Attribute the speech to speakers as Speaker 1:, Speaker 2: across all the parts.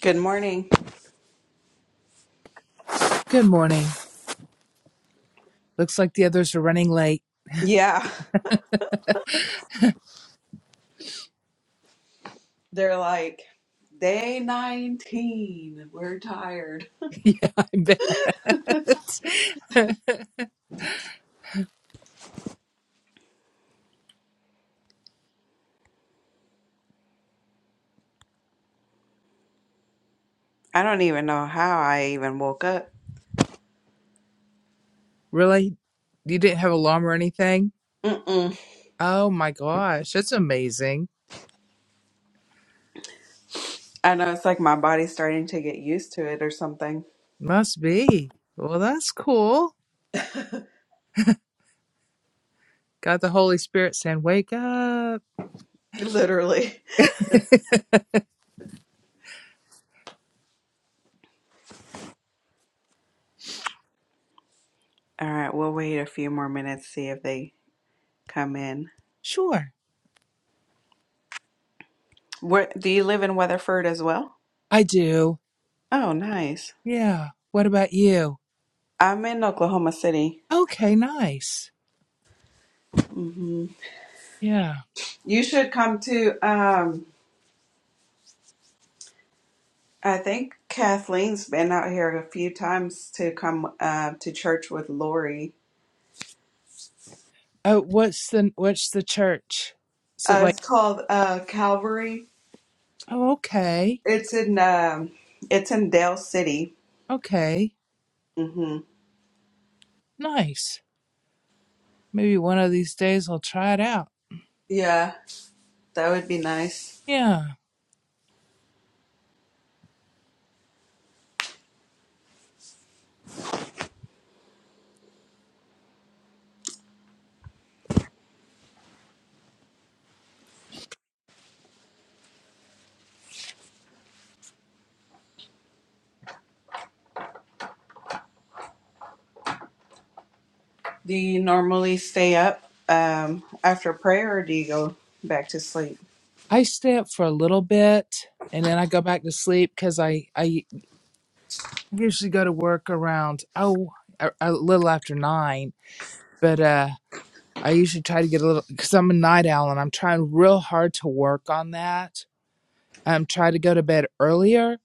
Speaker 1: Good morning.
Speaker 2: Good morning. Looks like the others are running late.
Speaker 1: Yeah, they're like, day 19. We're tired.
Speaker 2: yeah, I bet.
Speaker 1: I don't even know how I even woke up.
Speaker 2: really? You didn't have alarm or anything?
Speaker 1: Mm-mm.
Speaker 2: Oh my gosh, that's amazing.
Speaker 1: I know it's like my body's starting to get used to it or something.
Speaker 2: Must be. Well, that's cool. Got the Holy Spirit saying, wake up.
Speaker 1: Literally. All right, we'll wait a few more minutes, see if they come in.
Speaker 2: Sure,
Speaker 1: Where do you live in Weatherford as well?
Speaker 2: I do.
Speaker 1: Oh, nice.
Speaker 2: Yeah. What about you?
Speaker 1: I'm in Oklahoma City.
Speaker 2: Okay, nice.
Speaker 1: hmm
Speaker 2: Yeah.
Speaker 1: You should come to. Um, I think Kathleen's been out here a few times to come uh, to church with Lori.
Speaker 2: Oh, what's the what's the church? Is it
Speaker 1: Uh,
Speaker 2: like?
Speaker 1: it's called uh, Calvary.
Speaker 2: Oh, okay,
Speaker 1: It's in um, it's in Dale City.
Speaker 2: okay,
Speaker 1: hmm
Speaker 2: nice. Maybe one of these days I'll try it out.
Speaker 1: Yeah, that would be nice.
Speaker 2: Yeah.
Speaker 1: Do you normally stay up um, after prayer, or do you go back to sleep?
Speaker 2: I stay up for a little bit and then I go back to sleep because I, I usually go to work around, oh, a, a little after nine. But uh, I usually try to get a little, because I'm a night owl and I'm trying real hard to work on that. I'm trying to go to bed earlier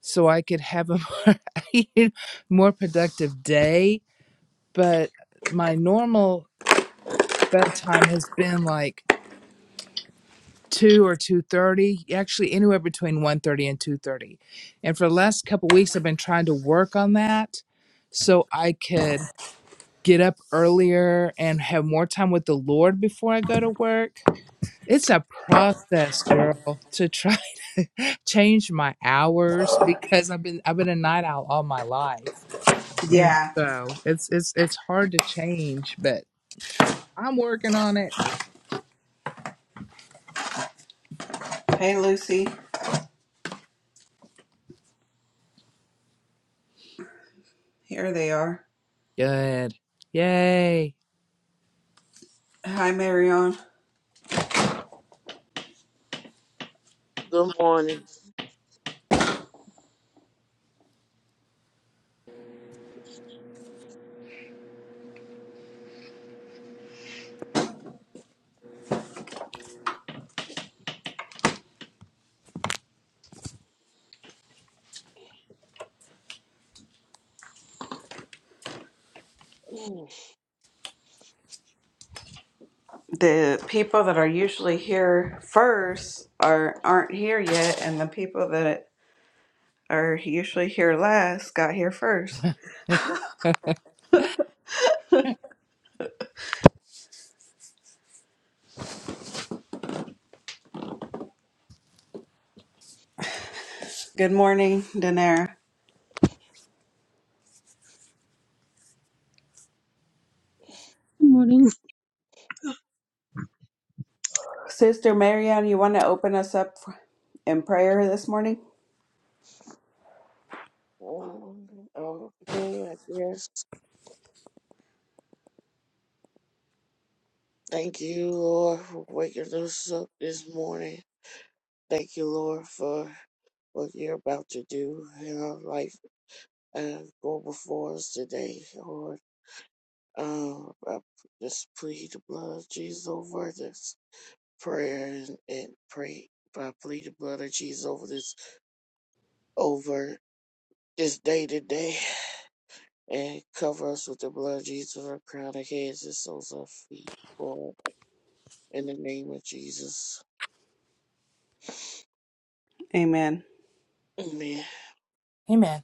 Speaker 2: so I could have a more, more productive day. But my normal bedtime has been like two or two thirty, actually anywhere between one thirty and two thirty. And for the last couple weeks, I've been trying to work on that so I could get up earlier and have more time with the Lord before I go to work. It's a process, girl, to try to change my hours because I've been I've been a night owl all my life. And
Speaker 1: Yeah.
Speaker 2: so it's it's it's hard to change, but I'm working on it.
Speaker 1: Hey, Lucy. Here they are.
Speaker 2: Good. Yay.
Speaker 1: Hi, Marion.
Speaker 3: Good morning.
Speaker 1: The people that are usually here first are aren't here yet, and the people that are usually here last, got here first. Good morning, Danara.
Speaker 4: Good
Speaker 1: Sister Marianne, you want to open us up in prayer this morning?
Speaker 3: Um, Okay, I guess. Thank you, Lord, for waking us up this morning. Thank you, Lord, for what you're about to do in our life and go before us today, Lord. Um, I just plead the blood of Jesus over this prayer and, and pray. I plead the blood of Jesus over this over this day today and cover us with the blood of Jesus from our crown of heads and soles of our feet. Lord. In the name of Jesus.
Speaker 1: Amen.
Speaker 2: Amen.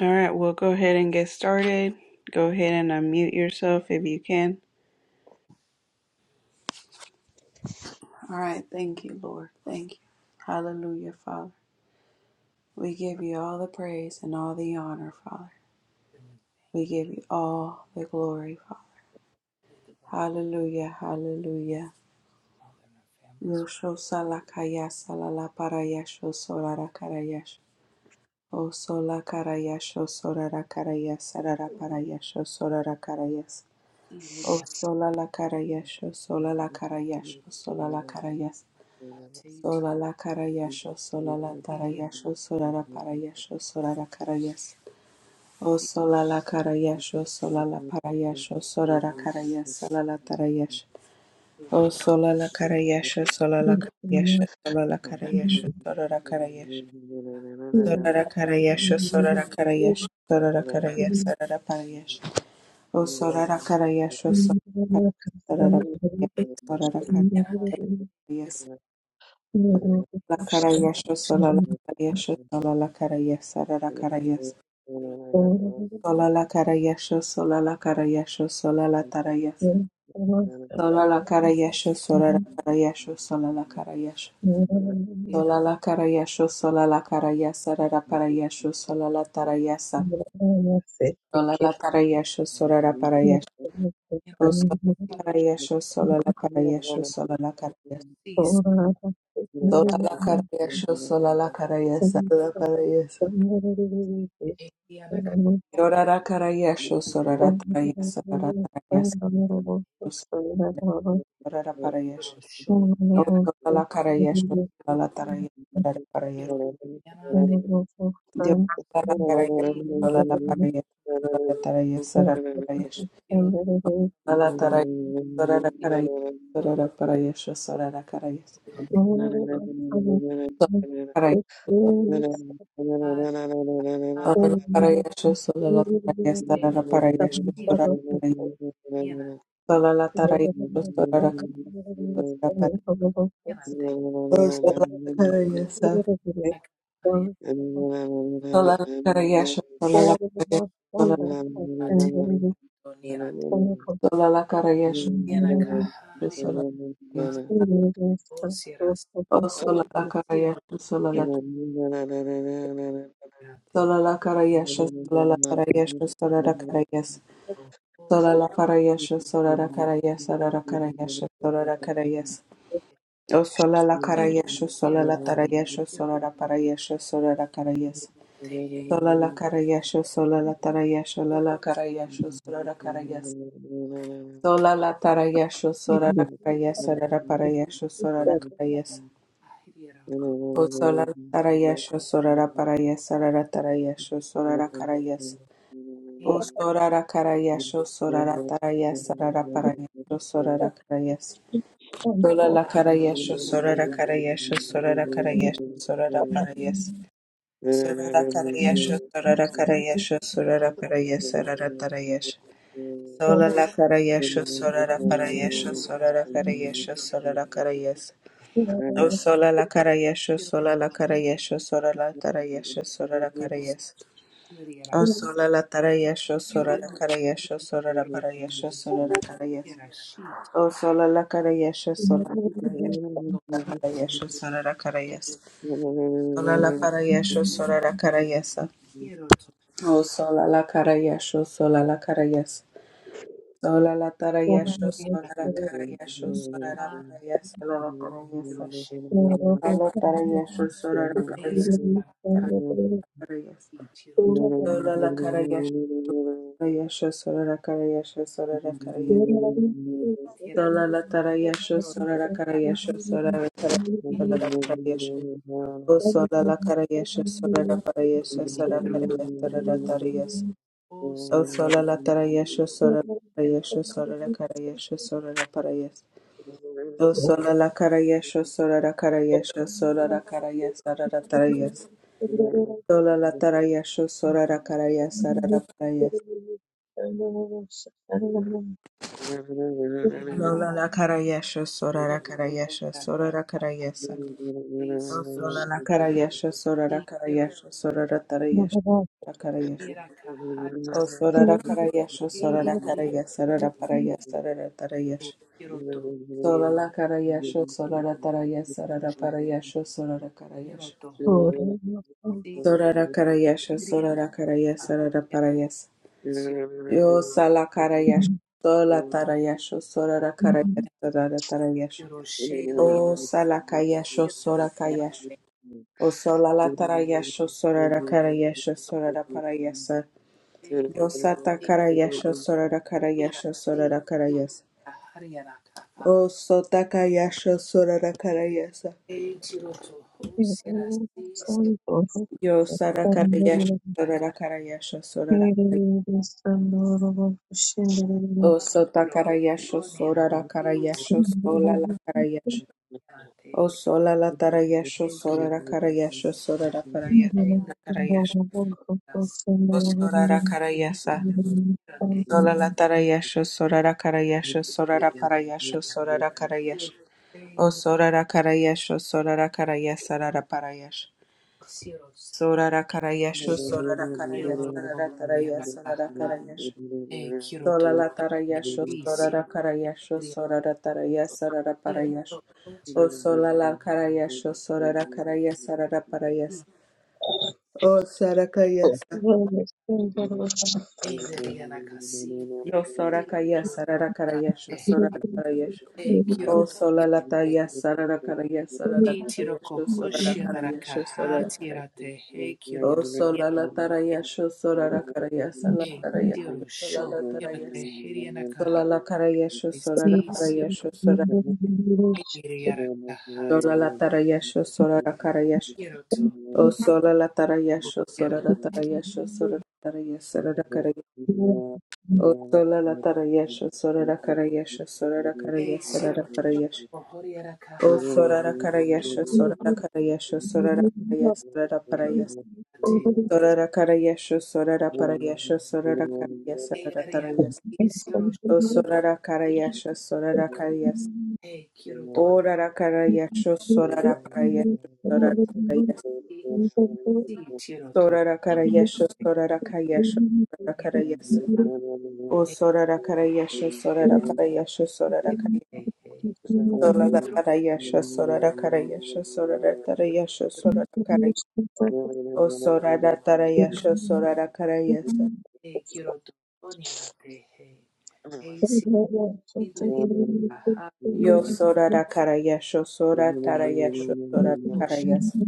Speaker 1: All right, we'll go ahead and get started. Go ahead and unmute yourself if you can. All right, thank you, Lord. Thank you. Hallelujah, Father. We give you all the praise and all the honor, Father. We give you all the glory, Father. Hallelujah, hallelujah.
Speaker 2: Father na families
Speaker 1: Yosho salakaya salala parayasho solara karayasho. O sola carayasho sorara carayas sarara parayasho sorara carayas.
Speaker 2: Sili
Speaker 1: O
Speaker 2: ya
Speaker 1: sola la carayasho sola la carayasho sola la carayas.
Speaker 2: Kateti
Speaker 1: Sola la carayasho sola la
Speaker 2: Hili
Speaker 1: tarayasho sorara parayasho sorara carayas. O sola la carayasho sola la parayasho sorara carayas sola la tarayash. O
Speaker 2: Roto
Speaker 1: sola la carayasho sola la carayasho sola la carayasho sorara carayas. Sorara karayasho, sorara karayasho, sorara karayasho, sorara parayasho. O sorara karayasho, sorara parayasho, sorara karayasho. La karayasho, solala karayasho, solala karayasho, sorara karayasho. Solala karayasho, solala karayasho, solala tarayasho.
Speaker 3: Amen.
Speaker 1: Solala karayasho, sorara karayasho, solala karayasho.
Speaker 3: Thank
Speaker 1: Solala karayasho, solala karayasho, sorara parayasho, solala tarayasho. Solala tarayasho, sorara parayasho.
Speaker 2: Kiro
Speaker 1: Osakayesho solalakayesho solalakayesho
Speaker 2: Sis
Speaker 1: solalakayesho solalakayesho solalakayesho
Speaker 2: Yana
Speaker 4: morning.
Speaker 2: Katero
Speaker 1: yorarakarayesho
Speaker 4: Thank
Speaker 1: soraratarayesho raratarayesho
Speaker 2: Kiro
Speaker 1: soraraparayesho
Speaker 2: Show Yana
Speaker 1: osolalakayesho solalatarayesho raraparayesho
Speaker 2: Kiro Yana Te
Speaker 1: diorarakarayesho solalaparayesho soraratarayesho
Speaker 2: Kiro
Speaker 1: raraparayesho solalatarayesho
Speaker 2: Kiro
Speaker 1: sorarakarayesho
Speaker 2: Koro
Speaker 1: soraraparayesho sorarakarayesho sorarakarayesho
Speaker 3: you.
Speaker 1: Solala parayashu solala parayasa
Speaker 3: Thank
Speaker 1: solala parayashu
Speaker 2: Yana
Speaker 1: solala tarayasha sora raka sora parayasa
Speaker 2: Kahari
Speaker 4: you.
Speaker 1: solala parayashu solala
Speaker 4: All the most
Speaker 1: parayasa
Speaker 4: wonderful
Speaker 2: Ate
Speaker 4: and the most
Speaker 2: Donira
Speaker 4: wonderful
Speaker 1: solala parayashu
Speaker 2: Yana
Speaker 4: community
Speaker 2: Kahari
Speaker 1: solala parayasa solala parayashu solala parayasa
Speaker 4: is
Speaker 2: O Sierra
Speaker 4: So,
Speaker 1: o solala
Speaker 2: Siro
Speaker 1: parayashu solala
Speaker 2: Yate
Speaker 1: solala parayashu solala parayashu solala parayasa
Speaker 2: Oto O
Speaker 1: solala parayashu solala parayasa solala parayashu solala parayasa O sola la
Speaker 2: Kiro
Speaker 1: carayesho, sola
Speaker 2: Sierra
Speaker 1: la tarayesho, sola
Speaker 3: you.
Speaker 1: la parayesho, sola la carayes.
Speaker 2: Te He
Speaker 1: Sola la
Speaker 3: Thank
Speaker 1: carayesho, sola la tarayesho, la
Speaker 2: Ori
Speaker 1: la carayesho, sola la carayes. Sola la tarayesho, sola la carayes, sola la parayesho, sola la carayes.
Speaker 2: Hiriera
Speaker 1: O sola la tarayesho, sola la parayes, sola la tarayesho, sola la carayes. O
Speaker 2: Kate
Speaker 1: sola la carayesho, sola la tarayes, sola la parayesho, sola la carayes. Sola la cara yesho, sora la cara yesho, la cara yesho, la para yes. Sorara
Speaker 2: Kiro
Speaker 1: Karayasha, sorara Karayasha,
Speaker 2: Kiro
Speaker 1: sorara Parayasa, sorara Tarayasha. Solala Karayasha, Surara Parayasha, Surara Karayasha,
Speaker 2: Kiro
Speaker 1: Surara
Speaker 3: you.
Speaker 1: Karayasa.
Speaker 2: Kiro
Speaker 3: Thank
Speaker 1: O Solala Karayasha,
Speaker 2: Quiero
Speaker 1: Solala
Speaker 2: dormir,
Speaker 1: Karayasha, Surala Tarayasha, Surara Karayasa.
Speaker 2: considera,
Speaker 1: O Solala Tarayasha,
Speaker 2: quiero
Speaker 1: sorara Karayasha, sorara Parayasha, sorara Karayasa.
Speaker 2: quiero shit,
Speaker 1: O Solala Karayasha, Solala
Speaker 2: quiero
Speaker 1: Karayasha, sorara
Speaker 2: quiero
Speaker 1: Karayasa. Solala Parayasha, sorara Karayasa.
Speaker 2: quiero quiero
Speaker 1: Oh, sola la cara yesho, sola la cara yes. Sola la tara yesho,
Speaker 2: quiero quiero
Speaker 1: sola la cara yesho, sola la
Speaker 2: quiero
Speaker 1: para yes, sola la cara yes. Sola la tara yesho, sola la cara yes, cara
Speaker 3: you.
Speaker 1: cara yes.
Speaker 4: Thank you.
Speaker 1: Sola la cara yesho, yesho, sola la cara yesho, sola la cara yes.
Speaker 4: Thank
Speaker 1: Sola la tara yesho,
Speaker 2: quiero
Speaker 1: sola la cara yesho, sola la cara
Speaker 2: quiero
Speaker 1: sola la cara yes. Oh, sola la cara yesho, sola la para yes, sola la cara yes, sola la tara yes. O sola solala tarayesho sorarayesho sorara karayesho la parayes.
Speaker 3: Thank
Speaker 1: O sola la solala karayesho sorara karayesho sorara karayes sarara tarayes. Solala tarayesho sorara karayes la parayes. Lolala karayesho sorara karayesho sorara karayesa. O sola la solala karayesho sorara
Speaker 2: quiero
Speaker 1: karayesho sorara tarayesho karayesho. O sora la karayesha sora la karayesho sorara karayes sarara parayes sarara tarayesho. Solala Karayasho, Solara Tarayasa, Rara Parayasho, Solara Karayasha. Sorara karayasho, Sorara Karayasa, Rara Parayasa.
Speaker 2: Sio
Speaker 1: Yo Sala Karayasha, Sola Tarayasho, Sorara
Speaker 4: you.
Speaker 1: Karayasa, Rara Tarayasha.
Speaker 2: sio shele
Speaker 1: O Sala Kayasho,
Speaker 2: sio
Speaker 1: Sora
Speaker 2: yana
Speaker 1: Kayasha.
Speaker 3: you.
Speaker 1: O Solala
Speaker 3: Thank you.
Speaker 1: Tarayasho, Sorara Karayasha, Sorara Parayasa.
Speaker 2: e
Speaker 1: Yo Sata
Speaker 2: e
Speaker 1: Karayasho, Sorara
Speaker 2: sira
Speaker 1: Karayasha,
Speaker 2: si
Speaker 1: Sorara
Speaker 2: si
Speaker 1: Karayasa.
Speaker 2: kahari yana kaka
Speaker 1: O Sota Kayasho, Sorara Karayasa.
Speaker 2: e siro to ho
Speaker 4: Thank
Speaker 2: sira
Speaker 4: you.
Speaker 2: si si
Speaker 1: Yo
Speaker 2: e
Speaker 1: sarakarayasha
Speaker 2: na kaki
Speaker 1: sorarakarayasha sorarakarayasha. O
Speaker 2: siro to
Speaker 1: sotakarayasha
Speaker 2: yana si si
Speaker 1: sorarakarayasha solalakarayasha.
Speaker 2: yana te
Speaker 1: O solalatarayasha
Speaker 2: e sio
Speaker 1: sorarakarayasha sorarakarayasha
Speaker 2: shele
Speaker 1: sorarakarayasha.
Speaker 2: na si
Speaker 1: O
Speaker 2: e
Speaker 1: sorarakarayasa
Speaker 2: siro yana te
Speaker 1: solalatarayasha sorarakarayasha
Speaker 2: siro
Speaker 1: soraraparayasha
Speaker 2: siro
Speaker 1: sorarakarayasha. O
Speaker 2: shele
Speaker 1: sorarakarayasha sorarakarayasa sararaparayasha.
Speaker 2: siro se
Speaker 1: Sorarakarayasha
Speaker 2: e siro
Speaker 1: sorarakarayasa
Speaker 2: loro ko yana
Speaker 1: sararatarayasa
Speaker 2: kaka
Speaker 1: sorarakarayasha.
Speaker 2: e siro to
Speaker 1: Solala
Speaker 2: yana te
Speaker 1: tarayasho,
Speaker 2: si
Speaker 1: sorara
Speaker 2: siro
Speaker 1: karayasho, sorara taraya, sarara
Speaker 2: Quiero
Speaker 1: parayasho.
Speaker 2: solo te
Speaker 1: O
Speaker 2: así.
Speaker 1: solala karayasho, sorara karaya, sarara parayas. O sarakayasa.
Speaker 3: Thank
Speaker 2: Ey, de Diana Casi.
Speaker 1: Yo
Speaker 2: Sí,
Speaker 1: sorakaya,
Speaker 2: quiero
Speaker 1: sarara karayasho,
Speaker 2: toquearte.
Speaker 1: sorara parayasho.
Speaker 2: Ey, quiero
Speaker 1: O solala
Speaker 2: toquearte.
Speaker 1: taya, sarara karaya, sarara
Speaker 2: Sí, tiro
Speaker 1: parayasho, sorara
Speaker 2: cojoshi la
Speaker 1: karayasho,
Speaker 2: racaja,
Speaker 1: sorara karaya.
Speaker 2: tírate. Hey, quiero
Speaker 1: O
Speaker 2: toquearte.
Speaker 1: solala tarayasho, sorara karaya, sarara
Speaker 2: Ey,
Speaker 1: tarayasho,
Speaker 2: quiero yo.
Speaker 1: solala
Speaker 2: Quiero
Speaker 1: tarayasho.
Speaker 2: te hiriana caja.
Speaker 1: Solala karayasho, sorara
Speaker 2: Sí, quiero
Speaker 1: karayasho,
Speaker 2: hiriana caja.
Speaker 1: Sola la tarayasho, sola la carayasho.
Speaker 2: Quiero
Speaker 1: O
Speaker 2: toquearte.
Speaker 1: sola la tarayasho, sola la
Speaker 3: you.
Speaker 1: tarayasho, sola la tarayasho,
Speaker 3: Thank
Speaker 1: sola la
Speaker 3: you.
Speaker 1: carayasho. O sola la tarayasho, sola la carayasho, sola la
Speaker 2: Ey,
Speaker 1: carayasho, sola la
Speaker 2: quiero yo.
Speaker 1: carayasho.
Speaker 2: Cojoriana
Speaker 1: O
Speaker 2: caja.
Speaker 1: sola la carayasho, sola la carayasho, sola la carayasho, sola la
Speaker 2: Quiero
Speaker 1: parayasho.
Speaker 2: toquearte.
Speaker 4: Thank
Speaker 1: Sola la carayasho, sola la parayasho, sola la carayasho, sola
Speaker 2: Ey,
Speaker 1: la
Speaker 2: hiriana.
Speaker 1: tarayasho.
Speaker 2: Quiero
Speaker 1: O sola la
Speaker 2: yo.
Speaker 1: carayasho, sola la carayasho.
Speaker 2: E kiro to
Speaker 1: Ora la carayasho, sola la parayasho, sola
Speaker 2: no
Speaker 1: la carayasho.
Speaker 2: sí, si tiro to
Speaker 1: Sorara
Speaker 2: no
Speaker 1: karayesho, sorara kayesho, sorara karayesa. O sorara karayesho, sorara parayesho, sorara kayesho, sorara karayesho, sorara karayesho, sorara tarayesho, sorara karay. O sorara
Speaker 3: Thank
Speaker 1: tarayesho, sorara karayesa.
Speaker 2: e kiro ni na e o ya na e e kiro to no ni na te he e si kiro ri a ha
Speaker 1: Yo sorara karayesho, sorara tarayesho, sorara
Speaker 2: to shi
Speaker 1: karayesa.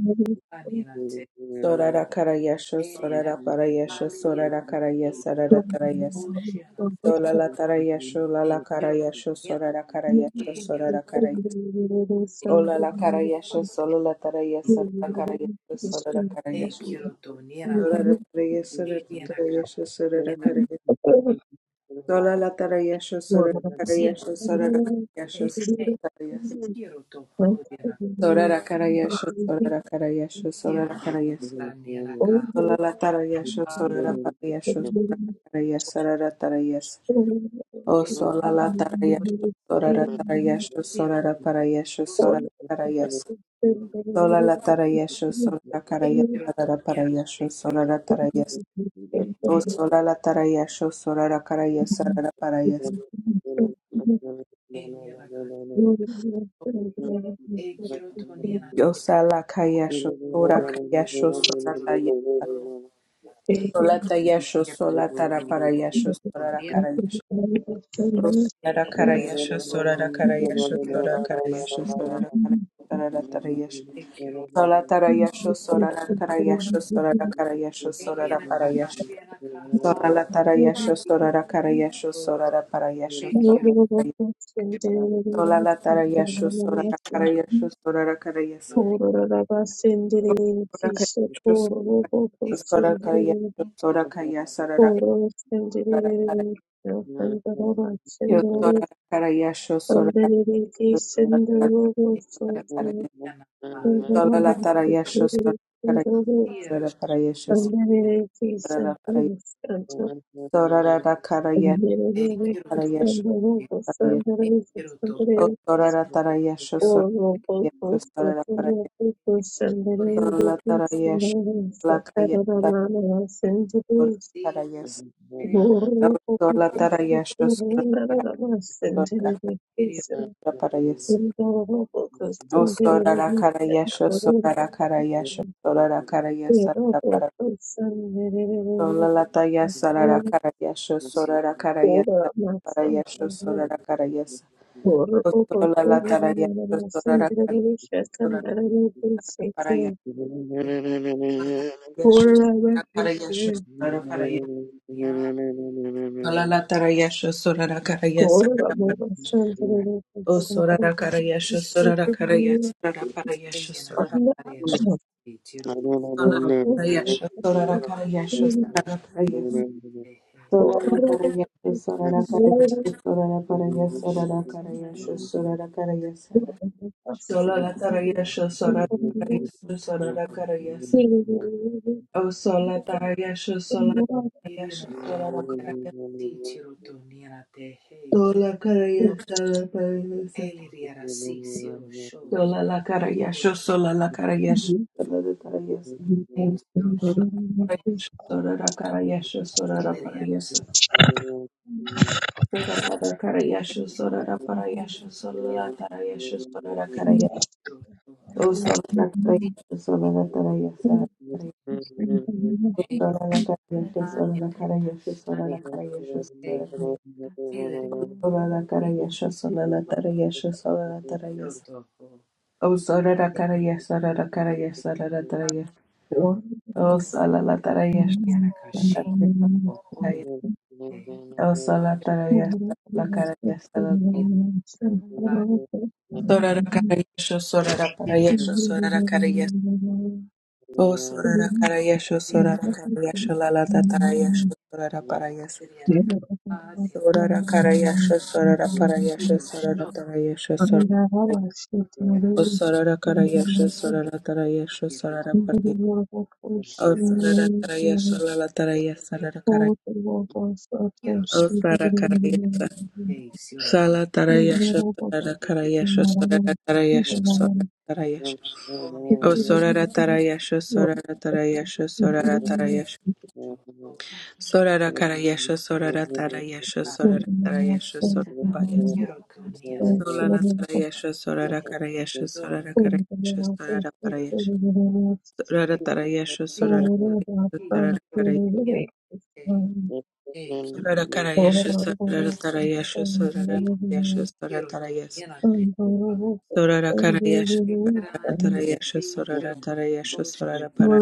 Speaker 2: a ni na te
Speaker 1: Sorara karayesho,
Speaker 2: e ri na
Speaker 1: sorara
Speaker 2: ka
Speaker 1: parayesho,
Speaker 2: li ri
Speaker 1: sorara karayesa, sorara
Speaker 2: to
Speaker 1: tarayesa.
Speaker 2: shi na te
Speaker 1: Solala tarayesho,
Speaker 2: e
Speaker 1: lala
Speaker 2: kiro
Speaker 1: karayesho,
Speaker 2: na
Speaker 1: sorara karayesho,
Speaker 2: e kiro
Speaker 1: sorara karayesa.
Speaker 2: e
Speaker 1: Ola la cara
Speaker 2: kiro
Speaker 4: you.
Speaker 1: yesha
Speaker 2: ti
Speaker 1: solo la tara
Speaker 4: Thank
Speaker 1: yesa la
Speaker 2: tiro
Speaker 1: cara yesha solo la cara
Speaker 2: e
Speaker 1: yesha
Speaker 2: na
Speaker 1: sola la tara yesa la tara yesha sola la
Speaker 2: Nirakasi
Speaker 1: cara yesha
Speaker 2: siete
Speaker 1: sola la tara yesha sola
Speaker 2: e kiro to nirakasi
Speaker 1: la cara yesha sola la cara yesha sola la
Speaker 2: siro
Speaker 1: cara yesha
Speaker 2: la niraka
Speaker 1: sola la cara yesha
Speaker 2: a
Speaker 1: sola la cara yesha sola la cara yesha
Speaker 2: e
Speaker 1: sola la tara yesha
Speaker 2: se
Speaker 1: sola la cara
Speaker 4: you.
Speaker 1: yesha sola la cara yesha la tara yesha o sola la tara yesha
Speaker 2: siro
Speaker 1: sola la tara yesha sola la
Speaker 3: you.
Speaker 1: para yesha
Speaker 2: to
Speaker 1: sola la
Speaker 3: Thank
Speaker 1: cara yesha Sola la tarayasho, sola
Speaker 2: e
Speaker 1: karaya,
Speaker 2: kiro to
Speaker 1: sarara
Speaker 2: nirakasi
Speaker 1: parayasho,
Speaker 2: kiro
Speaker 1: sola
Speaker 2: to
Speaker 1: la tarayas.
Speaker 2: e
Speaker 1: O sola la tarayasho, sola la karaya, sarara parayas.
Speaker 2: e nirakasi
Speaker 4: Thank you.
Speaker 2: e kiro to nirakasi
Speaker 1: Yo sala kayasho, sola kayasho, sola
Speaker 2: kiro
Speaker 1: tarayasho.
Speaker 2: to e
Speaker 1: Sola tayasho,
Speaker 2: kiro
Speaker 1: sola taraparayasho,
Speaker 2: to
Speaker 1: sola la
Speaker 2: nirakasi
Speaker 1: karayasho. O sola la
Speaker 2: kiro
Speaker 1: karayasho,
Speaker 2: to
Speaker 1: sola la karayasho,
Speaker 2: kiro
Speaker 1: sola karayasho,
Speaker 2: kiro
Speaker 1: sola la karayasho, sola la tarayasho.
Speaker 2: e kiro
Speaker 1: Sola tarayasho, sola la karayasho, sola la karayasho,
Speaker 2: e
Speaker 1: sola la
Speaker 2: nirakasi
Speaker 1: parayasho. Sola
Speaker 2: nirakasi
Speaker 1: la tarayasho, sora la karayasho, sora la parayasho,
Speaker 2: e kiro
Speaker 1: sola la
Speaker 3: you.
Speaker 1: tarayasho,
Speaker 2: e
Speaker 1: sora la karayasho, sora la karayas,
Speaker 3: Thank
Speaker 2: kiro
Speaker 1: sora karayasho, sora karayasho, sora kayas, sora la
Speaker 2: e kiro
Speaker 1: karayasho, sora
Speaker 4: Andarereke
Speaker 1: la karayasho,
Speaker 4: sendororo
Speaker 2: Thank
Speaker 1: sora la
Speaker 4: soto
Speaker 1: karayasho, sola
Speaker 4: andarama
Speaker 1: la tarayasho,
Speaker 4: tekere
Speaker 1: sora la
Speaker 4: sendoro
Speaker 1: karayasho, sora la parayasho, sora la karayasho,
Speaker 4: andarereke
Speaker 1: sora la karayasho,
Speaker 4: sendoro santo
Speaker 1: sora la
Speaker 4: andarereke
Speaker 1: karayasho,
Speaker 4: sendoro sandarereke
Speaker 1: O
Speaker 4: sendarereke
Speaker 1: sorara tarayasho
Speaker 4: oro boko
Speaker 1: sorayasho sorara
Speaker 4: soto
Speaker 1: parayasho
Speaker 4: boko
Speaker 1: sorala
Speaker 4: sendarereke
Speaker 1: tarayasho
Speaker 4: sendoro
Speaker 1: lakayasho
Speaker 4: satarama
Speaker 1: sorara parayasho O sorala tarayasho sorara kara parayasho
Speaker 4: Thank
Speaker 1: O sorara karayasho sorara karayasho sorara karayasho sorara parayasho Solala tarayasho sorara
Speaker 4: you.
Speaker 1: karayasho sorara karayasho parayasho sorara karayasho O solala tarayasho sorara kara
Speaker 3: you.
Speaker 1: sorara
Speaker 3: Thank
Speaker 1: Oh, sola tarayasha, sorara parayasha, sorara karayasha. O sola tarayasha, sola
Speaker 4: Thank
Speaker 1: tarayasha, sorara karayasha, Sola carayasa la carayasa. Sola la carayasa, sola la carayasa. Sola la carayasa.
Speaker 3: you.
Speaker 1: Sola la
Speaker 3: Thank
Speaker 1: carayasa, sola la carayasa. Sola la carayasa, sola la carayasa. Sola
Speaker 2: you.
Speaker 1: la carayasa, sola la
Speaker 2: Quiero
Speaker 1: carayasa. Oh, sola la carayasa, sola la carayasa. Sola la carayasa, sola la carayasa, sola la carayasa, sola la carayasa. Sola la carayasa, sola la carayasa, sola la carayasa. Oh, sola la carayasa, sola la carayasa, sola la carayasa. O Salalatarayas Lakaraya. O Salatarayas Lakarayas Sorara Karayasho Sorara Parayasho Sorara Karayas. O Sorara Karayasho Sorara Karayasho
Speaker 4: you.
Speaker 1: Lalatarayasho Sorara Parayas.
Speaker 4: Thank
Speaker 1: Sorara Karayasho Sorara Parayasho Sorara Tarayasho Sorara O Sorara Karayasho Sorara Tarayasho Sorara Parayas. O
Speaker 3: you.
Speaker 1: Sorara Karayasho Lalatarayas Sorara Karayas. O Sorara Karayas Sala tarayasha
Speaker 4: you.
Speaker 1: sarara karayasha sarara tarayasha sarara
Speaker 3: Thank
Speaker 1: tarayasha. O sorara tarayasha sorara tarayasha sorara tarayasha. Sorara karayasha sorara tarayasha sorara tarayasha sorara payas. Solana tarayasha sorara karayasha sorara karayasha sorara parayasha. Sorara tarayasha
Speaker 2: see
Speaker 4: Thank
Speaker 1: sorara
Speaker 2: she
Speaker 1: sorara karayasha
Speaker 2: quiero
Speaker 1: sorara karayasha sorara
Speaker 2: te te
Speaker 1: tarayasha sorara karayasha sorara
Speaker 2: quiero te she quiero tu
Speaker 1: tarayasha.
Speaker 2: mira te quiero tu
Speaker 1: Sorara karayasha
Speaker 2: que gran
Speaker 1: Tarayasha
Speaker 2: si quiero
Speaker 1: Sorara Tarayasha
Speaker 2: tu
Speaker 1: Sorara Para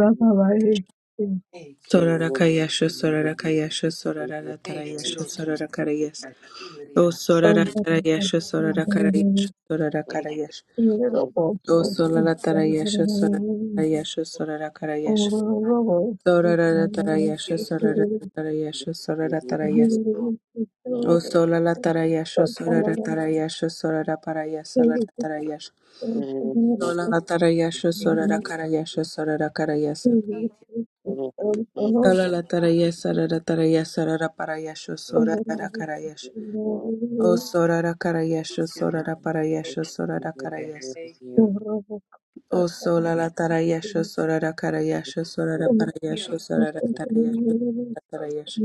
Speaker 2: hey quiero
Speaker 1: Sorara Kayasha Sorara Kayasha Sorara
Speaker 2: hey
Speaker 1: Tarayasha
Speaker 2: quiero tu
Speaker 1: Sorara Karayas
Speaker 2: sera, she
Speaker 1: O
Speaker 2: liriana
Speaker 1: Sorara Tarayasha Sorara Karayasha Sorara
Speaker 2: hey quiero
Speaker 1: Karayash
Speaker 2: tu
Speaker 1: O Sorara Tarayasha Sorara Tarayasha Sorara Karayash Sorara Tarayasha
Speaker 2: quiero tu
Speaker 1: Sorara Tarayasha Sorara
Speaker 2: quiero
Speaker 1: Tarayas
Speaker 2: tu
Speaker 1: O
Speaker 2: si
Speaker 1: Sorara Tarayasha Sorara Tarayasha Sorara Parayas Sorara Tarayash Sorara Tarayasha
Speaker 4: you.
Speaker 1: Sorara
Speaker 3: you.
Speaker 1: Karayasha Sorara Karayas
Speaker 4: Thank
Speaker 2: hey quiero tu
Speaker 3: Thank
Speaker 1: Alala
Speaker 2: a
Speaker 1: taraya sarara
Speaker 2: hey quiero
Speaker 1: taraya sarara parayasho
Speaker 2: tu
Speaker 1: sorara karayasho. O sorara karayasho
Speaker 2: quiero
Speaker 1: sorara
Speaker 2: te
Speaker 1: parayasho sorara karayasho.
Speaker 2: hey quiero
Speaker 1: O
Speaker 2: te
Speaker 1: solala tarayasho sorara karayasho sorara parayasho
Speaker 2: quiero tu quiero te quiero
Speaker 1: sorara
Speaker 2: si
Speaker 1: tarayasho sorara tarayasho.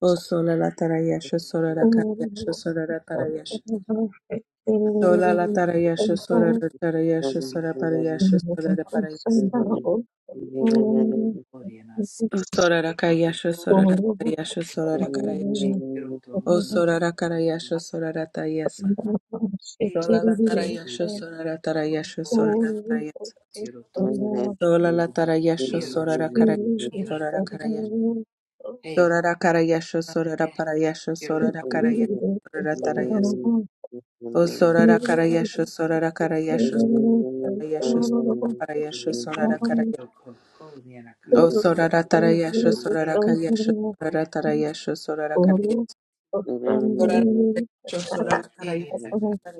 Speaker 1: O solala tarayasho sorara karayasho sorara tarayasho. Solala tarayasho sorara tarayasho sorara parayasho sorara parayasho.
Speaker 2: quiero
Speaker 1: O sorara karayasho
Speaker 2: tu
Speaker 1: sorara parayasho sorara karayasho.
Speaker 2: hey quiero tu
Speaker 1: O sorara karayasho sorara tarayasho. Sola la tarayasho
Speaker 4: you.
Speaker 1: sorara tarayasho
Speaker 2: Ore
Speaker 1: sorara
Speaker 4: Thank
Speaker 1: tarayasho.
Speaker 2: tiroto
Speaker 1: Sola la tarayasho
Speaker 2: siro
Speaker 1: sorara karayasho
Speaker 2: shira
Speaker 1: sorara karayasho.
Speaker 2: te
Speaker 1: Sorara karayasho
Speaker 2: kira te
Speaker 1: sorara parayasho sorara
Speaker 2: tiroto
Speaker 1: karayasho sorara tarayasho. O
Speaker 2: lipa
Speaker 1: sorara karayasho sorara karayasho sorara karayasho sorara
Speaker 2: he
Speaker 1: parayasho sorara karayasho.
Speaker 2: yoko ho nira ka
Speaker 1: O
Speaker 3: you.
Speaker 1: sorara
Speaker 3: Thank
Speaker 1: tarayasho
Speaker 2: te
Speaker 1: sorara
Speaker 2: he
Speaker 1: karayasho
Speaker 2: ore
Speaker 1: sorara tarayasho sorara karayasho. Sorara karayasho sorara karayasho. Sorara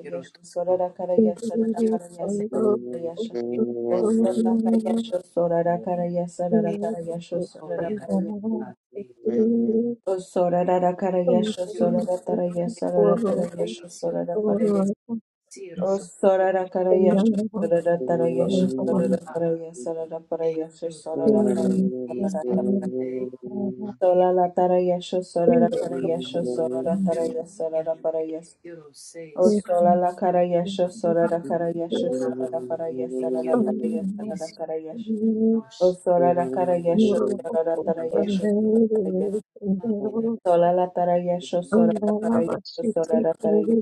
Speaker 2: tiroto o
Speaker 1: sorara
Speaker 2: tiroto
Speaker 1: karayasho
Speaker 2: ne
Speaker 1: sorara
Speaker 2: te
Speaker 1: karayasho.
Speaker 2: he
Speaker 1: Osakayasho sorara karayasa rara karayasho,
Speaker 2: o ho
Speaker 1: sorara
Speaker 2: nira
Speaker 1: karayasho,
Speaker 2: ka
Speaker 4: you.
Speaker 1: sorara rara
Speaker 4: Thank you.
Speaker 1: karayasho
Speaker 2: tiroto
Speaker 1: sorara
Speaker 2: te
Speaker 1: tarayasa rara
Speaker 2: si
Speaker 1: tarayasho,
Speaker 2: siro
Speaker 1: sorara
Speaker 2: se
Speaker 1: parayasa
Speaker 2: siroto ho
Speaker 1: osorara karayasho sorara tarayasho,
Speaker 2: tiroto si siro se nira
Speaker 1: Osatakarayasho sorarakarayasa rarakarayasho sorarakarayasho Osorarakarayasho
Speaker 2: tiro
Speaker 1: soraratarayasa raratarayasho
Speaker 2: nira
Speaker 1: soraraparayasa
Speaker 2: siro se siro
Speaker 1: Osorarakarayasho
Speaker 2: a
Speaker 1: soraratarayasho soraratarayasa
Speaker 2: a
Speaker 1: raraparayasho
Speaker 2: he
Speaker 1: sorarakarayasa raratarayasa karayasho, sorarakarayasho karayasho, raraparayasa Osolalakarayasho sorarakarayasho soraraparayasa raratarayasa rarakarayasho O sora ra kara yesho sora ra tara yesho sora tara yesho sola la tara yesho sora ra kara yesho sora ra tara yesho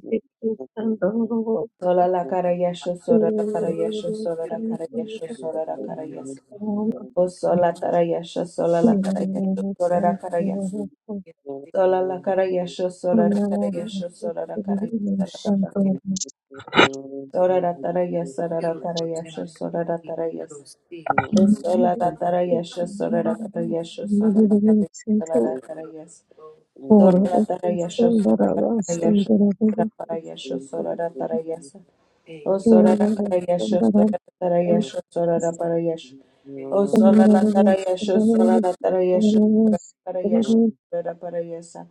Speaker 1: sola la kara yesho sora ra kara yesho sora ra kara yesho sora ra kara yesho o sola tara yesho sola
Speaker 4: Thank
Speaker 1: la tara yesho sora ra kara yesho
Speaker 3: you. Thank
Speaker 1: sola la kara yesho sora ra kara yesho sora ra kara yesho sora ra kara yesho sora ra tara yesho sora ra kara yesho sora ra tara yesho o la tara yesho sora ra kara yesho sora ra kara yesho sora ra kara yesho Sorara tarayasho, sorara tarayasho, sorara parayasho, sorara tarayasa. O sorara tarayasho, sorara tarayasho, sorara parayasho. O sorara tarayasho, sorara tarayasho, sorara parayasho, sorara parayasa.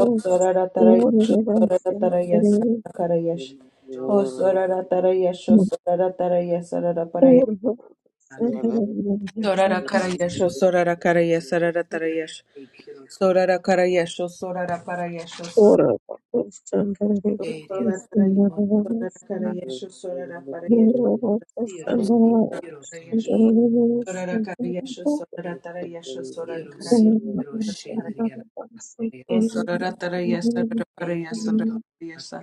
Speaker 1: O sorara tarayasho, sorara tarayasa, karayasho. O sorara tarayasho, sorara tarayasa, sorara parayasho. Sorara
Speaker 4: you.
Speaker 1: karayasho, sorara karayasa, sorara tarayasho. Sorara karayasho, sorara parayasho,
Speaker 4: Ora bakasandara
Speaker 1: Sola
Speaker 4: bakasandara
Speaker 1: para
Speaker 4: bakasandara
Speaker 1: yeso, sola para yeso,
Speaker 4: ora bakasandara bakasandara
Speaker 1: sola para yeso,
Speaker 4: bakasandara ora
Speaker 1: sola para yeso, sola para yeso, sola para yeso,
Speaker 3: you.
Speaker 1: sola para yeso, sola para yeso, sola para yeso,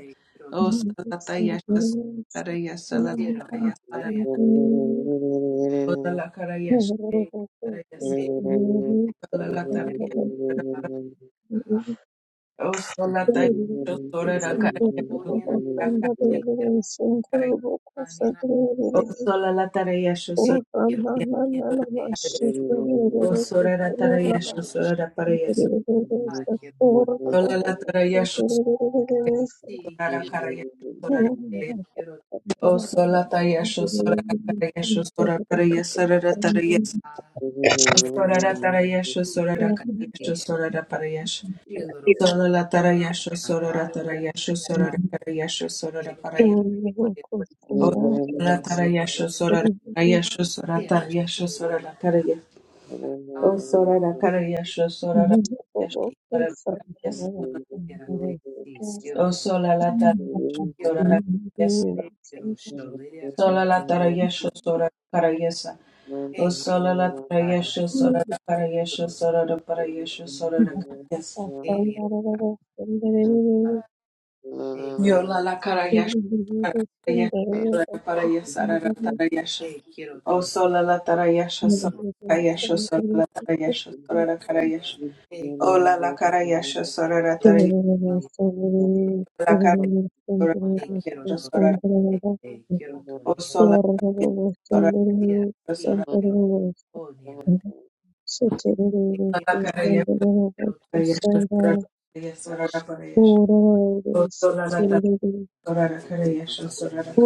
Speaker 1: o sola para yeso, sola para yeso, sola para yeso, sola para yeso, para yeso,
Speaker 2: Kilo kilo
Speaker 1: sola
Speaker 4: bakasandara
Speaker 1: para yeso,
Speaker 4: bakasandara ora
Speaker 1: o sola para yeso, sola
Speaker 2: kilo
Speaker 1: para
Speaker 2: kilo kilo kilo kilo
Speaker 1: yeso,
Speaker 2: kilo kilo
Speaker 1: sola
Speaker 2: kilo
Speaker 1: para
Speaker 2: kilo
Speaker 1: yeso, O
Speaker 4: Thank
Speaker 1: sola la tarea, yo sola
Speaker 2: kilo kilo kilo kilo kilo kilo kilo kilo kilo kilo kilo
Speaker 1: la
Speaker 2: kilo
Speaker 1: tarea.
Speaker 4: Thank
Speaker 1: O sola la tarea, yo sola la tarea. Sola la tarea, yo sola la tarea. Sola la tarea. O sola la tarea, yo sola la tarea. Yo sola la tarea,
Speaker 2: kilo
Speaker 1: sola la tarea. O sola la tarea, yo sola la tarea. Yo sola la tarea. Sola la tarea, yo sola la tarea. Yo sola la tarea, yo sola la tarea. O sola la tarea, yo sola la tarea. Yo sola la tarea, yo sola la tarea. O sola la cara yasho sola la yasho sola la yasho O sola la tara sola la yasho
Speaker 4: you. Thank
Speaker 1: sola la tara yasho sola la cara
Speaker 2: kilo
Speaker 1: yasho
Speaker 3: Thank
Speaker 1: O
Speaker 2: kilo
Speaker 1: sola la tara
Speaker 2: Ah,
Speaker 1: yasho sola la cara yasho
Speaker 2: quiero,
Speaker 1: sola la para
Speaker 2: quiero,
Speaker 1: yasho sola la cara yasho
Speaker 2: Elia, ah, eh,
Speaker 1: Yo
Speaker 2: quiero,
Speaker 1: la la cara yasho sola
Speaker 2: eh,
Speaker 1: la cara yasho sola la para yasho la la tara yasho
Speaker 2: eh, quiero,
Speaker 1: O
Speaker 2: to,
Speaker 1: sola la tara yasho sola
Speaker 2: quiero,
Speaker 1: la cara
Speaker 2: sí,
Speaker 1: yasho sola la tara yasho sola la cara yasho
Speaker 2: eh,
Speaker 1: O
Speaker 2: quiero,
Speaker 1: la la cara yasho
Speaker 2: sí,
Speaker 1: sola la
Speaker 2: quiero,
Speaker 1: tara
Speaker 2: Tony,
Speaker 1: la carrera
Speaker 2: eh, quiero, to,
Speaker 1: sola la carrera
Speaker 2: eh, eh, quiero, to, ni,
Speaker 1: sola o sola la carrera sola
Speaker 2: quiero, sí,
Speaker 1: sola
Speaker 2: quiero, to, ni, era, te,
Speaker 1: la carrera
Speaker 2: quiero, to, sí,
Speaker 1: carrera sola la
Speaker 2: to,
Speaker 1: sola la
Speaker 2: sí,
Speaker 1: carrera o sola
Speaker 2: quiero, te,
Speaker 1: la sola
Speaker 2: eh, quiero, to, ni,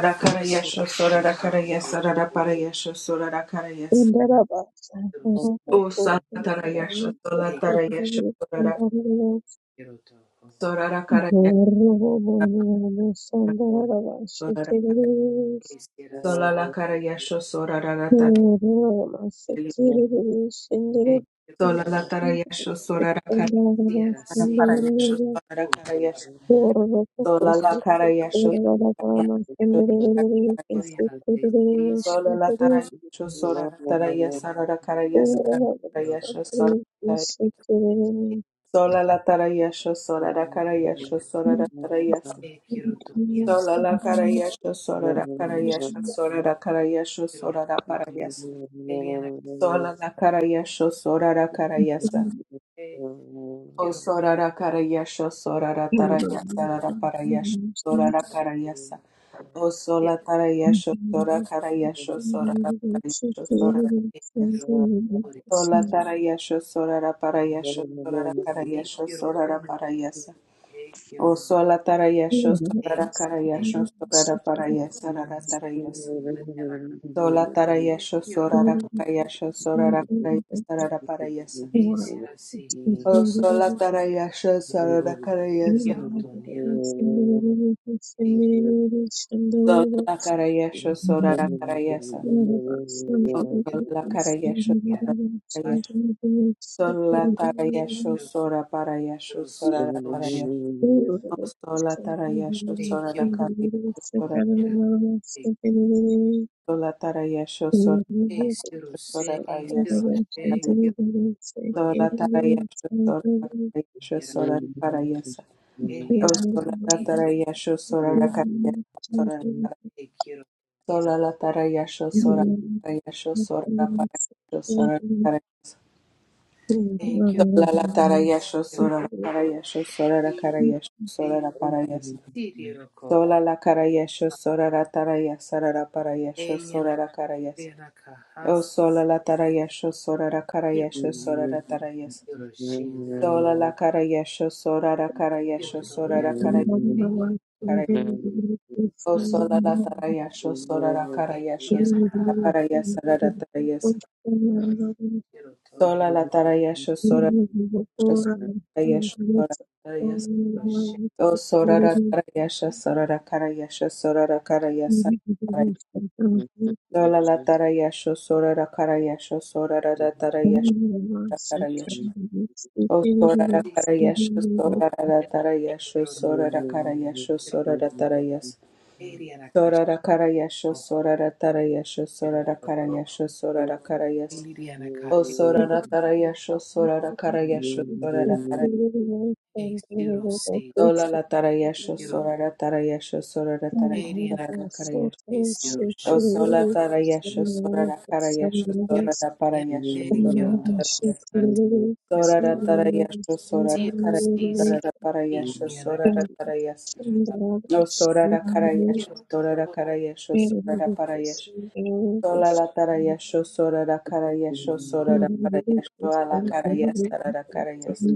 Speaker 1: la
Speaker 2: eh,
Speaker 1: carrera
Speaker 2: quiero,
Speaker 1: sola la carrera o sola la carrera sola la carrera sola la carrera sola la carrera
Speaker 2: ta,
Speaker 4: Indarabasa
Speaker 2: quiero, sí,
Speaker 1: o
Speaker 4: ndarabako
Speaker 1: sola
Speaker 4: ndaramuke
Speaker 1: la carrera sola la
Speaker 2: eh,
Speaker 1: carrera sola
Speaker 4: kerere
Speaker 1: la
Speaker 4: ndarabasa
Speaker 2: quiero, to, oh,
Speaker 1: sola la carrera sola la carrera sola la carrera sola la carrera sola la
Speaker 4: ndarabasa ndarabasa kererese
Speaker 2: eh, si era, sí,
Speaker 4: ndarabasa kererese
Speaker 2: quiero, eh, quiero,
Speaker 4: ndarabasa
Speaker 1: carrera sola la
Speaker 4: ndarabasa
Speaker 1: carrera
Speaker 2: sí, era,
Speaker 4: ndarabasa
Speaker 1: Para
Speaker 2: sí,
Speaker 1: para
Speaker 4: ndarabako ndarabasa ndarabasa ndarabasa
Speaker 1: yesho para
Speaker 2: oh, sí,
Speaker 1: para
Speaker 2: era,
Speaker 1: yesho
Speaker 2: era,
Speaker 1: sola la cara yesho
Speaker 2: quiero, ni, era,
Speaker 3: you.
Speaker 1: para
Speaker 2: to, ni,
Speaker 1: yesho
Speaker 4: ndarabasa
Speaker 2: era,
Speaker 3: Thank
Speaker 2: te, sí, sí,
Speaker 4: ndarabasa
Speaker 1: sola la cara
Speaker 4: ndarabasa
Speaker 1: yesho sola la cara yesho la cara yesho la cara
Speaker 2: quiero,
Speaker 1: yesho sola
Speaker 2: quiero,
Speaker 1: sola la cara yesho sola la cara yesho sola
Speaker 2: eh,
Speaker 4: Thank
Speaker 2: quiero, to, ni, era,
Speaker 1: la cara
Speaker 4: you.
Speaker 1: yesho sola la cara yesho sola la cara yesho
Speaker 2: quiero,
Speaker 1: sola la cara yesho
Speaker 2: Eliana
Speaker 1: sola la para yesho sola la cara yesho sola la cara yesho
Speaker 2: Cantante,
Speaker 1: o
Speaker 2: quiero,
Speaker 1: sola la cara yesho sola la cara
Speaker 2: te,
Speaker 1: yesho
Speaker 2: quiero,
Speaker 1: la para yesho sola la cara O sola
Speaker 2: decirte,
Speaker 1: tarayasho sora
Speaker 3: you.
Speaker 1: karayasho sora raparayasho sora
Speaker 2: quiero, por
Speaker 1: sola tarayasho sora raparayasho sora
Speaker 2: te,
Speaker 1: karayasho
Speaker 2: quiero,
Speaker 1: sora raparayasa.
Speaker 2: te,
Speaker 1: O
Speaker 2: quiero,
Speaker 1: sola tarayasho
Speaker 2: te,
Speaker 1: sora
Speaker 2: te,
Speaker 1: karayasho sora
Speaker 2: quiero,
Speaker 1: raparayasa ratarayasa.
Speaker 2: Eliana,
Speaker 1: Sola tarayasho
Speaker 2: quiero,
Speaker 1: sora rakarayasho sora rakarayasa raparayasa.
Speaker 2: te, será así, y
Speaker 1: O sola tarayasho sora karayasa.
Speaker 2: quiero, Toniana, te,
Speaker 3: Thank you.
Speaker 1: Sola karayasho sora
Speaker 2: quiero,
Speaker 1: rakarayasa.
Speaker 4: Thank
Speaker 2: te,
Speaker 1: O
Speaker 2: quiero,
Speaker 1: sola karayasho
Speaker 2: Eliana, para
Speaker 1: sora Sola
Speaker 2: te,
Speaker 1: tarayasho
Speaker 2: quiero,
Speaker 1: sora parayasho
Speaker 2: quiero,
Speaker 1: sora
Speaker 2: sotosh,
Speaker 1: tarayasho. O sola tarayasho
Speaker 2: te,
Speaker 1: sora
Speaker 2: quiero,
Speaker 1: karayasho sora
Speaker 2: todo, quiero, te,
Speaker 1: sola tarayasho sora
Speaker 2: te, quiero,
Speaker 1: sora
Speaker 2: se, quiero,
Speaker 1: parayasho.
Speaker 2: te, quiero, Toniana,
Speaker 1: Sola tarayasho sora karayasho
Speaker 2: quiero,
Speaker 1: sora parayasho. O
Speaker 2: Eliana,
Speaker 1: sola
Speaker 2: así, quiero,
Speaker 1: tarayasho sora karayasho sora
Speaker 2: te, quiero, Toniana,
Speaker 1: sola la tarayasho
Speaker 2: quiero,
Speaker 1: sora karayasho sora parayasho sora karayasho.
Speaker 2: te, quiero,
Speaker 1: Sola la tarayasho sora
Speaker 2: todo,
Speaker 1: karayasho sora
Speaker 2: quiero,
Speaker 4: you.
Speaker 1: karayasho sora parayasho.
Speaker 2: Sirio cojo
Speaker 1: Sola la carayesho sora la taraya sarara parayesho
Speaker 2: alien
Speaker 1: sora la carayes.
Speaker 2: rena
Speaker 1: O sola la tarayesho sora la
Speaker 2: quiero
Speaker 1: carayesho sora la tarayes.
Speaker 2: sería
Speaker 1: Sola la carayesho sora la
Speaker 2: quiero
Speaker 1: carayesho sora la carayes. O sola la tarayesho sora la carayesho sora la parayes sarara tarayes.
Speaker 2: quiero to
Speaker 1: Sola la tarayesho sora la
Speaker 2: to
Speaker 1: carayesho sora la tarayes.
Speaker 2: to
Speaker 1: O sora la tarayesho
Speaker 4: Thank
Speaker 1: sora la carayesho sora la carayes. Sola la tarayasho, sora la karayasho, sora la la tarayasho, la karayasho. O sora la
Speaker 2: sirio
Speaker 1: karayasho,
Speaker 2: to
Speaker 1: sora la la tarayasho,
Speaker 2: quiero
Speaker 3: Thank
Speaker 1: sora la karayasho,
Speaker 2: quiero
Speaker 1: sora la tarayas.
Speaker 2: eriana casco
Speaker 1: Sora la karayasho, sora la tarayasho, sora
Speaker 2: quiero
Speaker 1: la
Speaker 2: to to
Speaker 1: karayasho, sora la karayas.
Speaker 2: eliana
Speaker 3: you.
Speaker 1: O
Speaker 2: caje
Speaker 1: sora la tarayasho, sora la karayasho, sora la karayasho.
Speaker 2: e siro si
Speaker 1: Sola la tarayasho,
Speaker 2: quiero
Speaker 4: you.
Speaker 2: to
Speaker 1: sora la tarayasho, sora la tarayasho,
Speaker 4: Thank
Speaker 2: eriana
Speaker 1: sora la karayasho.
Speaker 2: caje siro
Speaker 1: O
Speaker 2: show
Speaker 1: sola
Speaker 4: you.
Speaker 1: tara yesho sora ra kara yesho sora
Speaker 2: quiero
Speaker 1: ra para yesho
Speaker 2: niente
Speaker 1: sora
Speaker 2: quiero to
Speaker 1: ra yes.
Speaker 2: quiero
Speaker 1: Sora ra tara yesho sora
Speaker 2: si
Speaker 1: ra kara
Speaker 2: si si
Speaker 1: sora ra para yesho
Speaker 2: eliana
Speaker 1: sora ra
Speaker 2: caje
Speaker 1: tara yes. O sora ra kara yesho
Speaker 2: quiero to
Speaker 1: sora ra kara yesho sora ra para yesho. Sola la tara yesho sora ra kara yesho sora
Speaker 2: quiero
Speaker 1: ra para yesho ala kara yes sora ra kara yes.
Speaker 2: to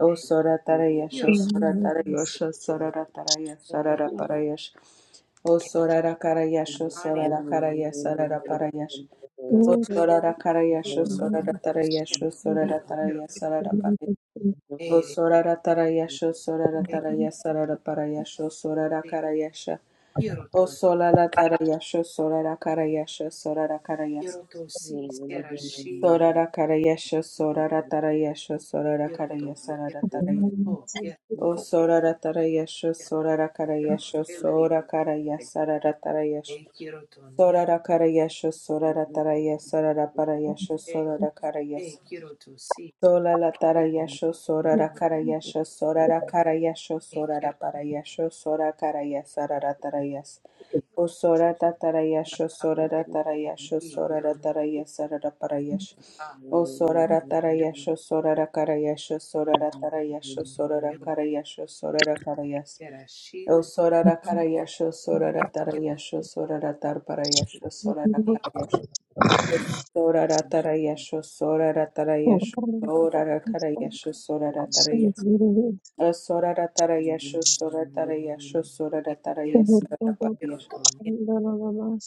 Speaker 1: O sora tara yesho sora tara yesho sora
Speaker 2: quiero
Speaker 1: ra tara yes
Speaker 2: to
Speaker 1: sora ra
Speaker 2: quiero
Speaker 1: para yesho. O sorara karayasho
Speaker 2: Ani
Speaker 1: sorara karayasarara
Speaker 2: quiero
Speaker 1: parayash. O
Speaker 2: casar,
Speaker 1: sorara karayasho sorara
Speaker 2: quiero
Speaker 1: tarayasho
Speaker 2: sí,
Speaker 1: sorara
Speaker 2: quiero
Speaker 1: taraya sarara pare. O
Speaker 2: aire,
Speaker 1: sorara tarayasho sorara
Speaker 2: quiero
Speaker 1: taraya sarara parayasho sorara
Speaker 2: sí,
Speaker 1: karayasha.
Speaker 2: quiero
Speaker 1: O
Speaker 2: to,
Speaker 1: solala tarayasho sorara karayasha sorara karayas.
Speaker 2: quiero to sí, quiero Chile,
Speaker 1: Sorara karayasha sorara tarayasho sorara
Speaker 2: quiero to,
Speaker 1: karaya
Speaker 2: quiero
Speaker 1: sarara taraya.
Speaker 2: oh, quiero
Speaker 1: O
Speaker 2: eh,
Speaker 1: sorara tarayasho sorara
Speaker 2: quiero
Speaker 1: karayasho
Speaker 2: Chile,
Speaker 1: sora karaya
Speaker 2: eh,
Speaker 1: sarara tarayasho.
Speaker 2: eh, quiero to nia,
Speaker 1: Sorara karayasho sorara taraya sarara
Speaker 4: Sandra,
Speaker 1: parayasho
Speaker 2: eh,
Speaker 1: sorara karaya
Speaker 2: eh, quiero to sí,
Speaker 1: Sola la
Speaker 2: sí,
Speaker 3: Thank
Speaker 1: tarayasho, sora ra karayasho, sora ra karayasho,
Speaker 2: eh,
Speaker 1: sora ra
Speaker 2: quiero
Speaker 1: parayasho, sora karayasa ra ra tarayas.
Speaker 2: eh,
Speaker 1: O sora ta tarayasho,
Speaker 2: ah,
Speaker 1: sora ra tarayasho,
Speaker 2: sí,
Speaker 1: sora ra
Speaker 2: quiero
Speaker 1: tarayasa ra ra parayash.
Speaker 2: ah,
Speaker 1: O sora ra
Speaker 2: quiero
Speaker 1: tarayasho, sora ra karayasho, sora ra tarayasho, sora ra
Speaker 2: quiero
Speaker 1: karayasho, sora ra karayas.
Speaker 2: quiero
Speaker 1: O
Speaker 2: Chile,
Speaker 1: sora ra karayasho, sora
Speaker 2: eh,
Speaker 1: ra
Speaker 2: quiero
Speaker 1: tarayasho, sora ra tar parayasho, sora ra karayasho. Sora ratara yesho, sora ratara yesho, sora ratara yesho, sora ratara yesho. O sora ratara yesho, sora ratara yesho, sora
Speaker 2: eh, quiero eh,
Speaker 1: ratara
Speaker 2: quiero
Speaker 1: yesho,
Speaker 2: sí,
Speaker 1: ratara
Speaker 2: quiero
Speaker 1: yesho.
Speaker 2: to nia,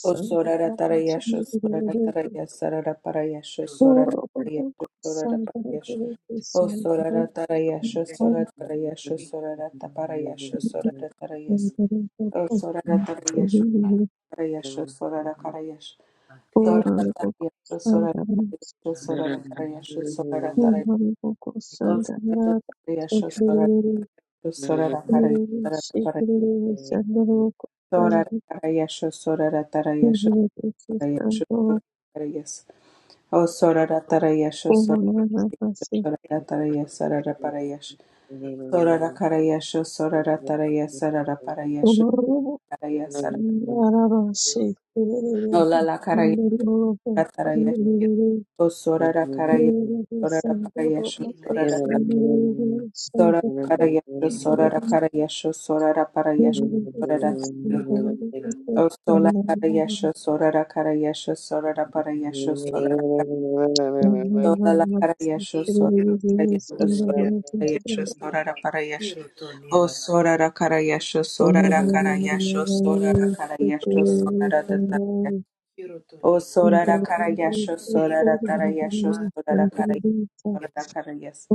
Speaker 1: O sora ratara yesho, sora
Speaker 2: eh,
Speaker 1: ratara
Speaker 2: quiero
Speaker 1: yesho, ratara yesho,
Speaker 2: quiero
Speaker 1: sora ratara yesho, sora ratara yesho. O
Speaker 2: quiero
Speaker 1: sora ratara yesho,
Speaker 2: quiero
Speaker 1: sora ratara yesho,
Speaker 2: eh,
Speaker 1: sora ratara yesho,
Speaker 2: eh,
Speaker 1: sora ratara yesho. Sora ra karayash,
Speaker 2: Ate
Speaker 1: sora ra tarayash, sora ra
Speaker 2: na
Speaker 1: tarayash, sora ra karayash, sora ra tarayash,
Speaker 2: quiero
Speaker 1: sora ra karayash, sora ra tarayash, sora ra karayash, sora ra tarayash, sora ra karayash,
Speaker 4: Thank
Speaker 1: sora
Speaker 2: quiero
Speaker 1: ra tarayash, sora ra karayash, sora ra
Speaker 2: quiero quiero
Speaker 1: tarayash, sora ra karayash,
Speaker 2: quiero quiero
Speaker 1: sora ra tarayash, sora ra karayash, sora
Speaker 4: you.
Speaker 2: quiero
Speaker 1: ra tarayash.
Speaker 2: quiero
Speaker 1: O sorara karaya,
Speaker 3: you.
Speaker 1: sorara parayasho,
Speaker 2: silria
Speaker 1: sorara
Speaker 3: Thank
Speaker 1: tapi, sorara karayasho,
Speaker 2: quiero
Speaker 1: sorara karayasho, sorara parayasho, sorara tapi.
Speaker 2: quiero to nina
Speaker 1: O
Speaker 2: te
Speaker 1: sola karayasho, sorara karayasho, sorara parayasho, sorara kar- sola karayasho,
Speaker 2: eki quiero
Speaker 1: sorara karayasho,
Speaker 2: to
Speaker 1: sorara
Speaker 2: shia
Speaker 1: parayasho, sorara parayasho.
Speaker 2: quiero to
Speaker 1: O
Speaker 2: nina
Speaker 1: sorara karayasho, sorara karayasho, sorara karayasho, sorara tapi.
Speaker 2: quiero to
Speaker 1: O
Speaker 2: nina
Speaker 4: Thank
Speaker 1: sorara karayasho
Speaker 2: quiero
Speaker 1: sorara tarayasho
Speaker 2: a
Speaker 1: sorara karayasho
Speaker 2: quiero
Speaker 1: sorara karayasho.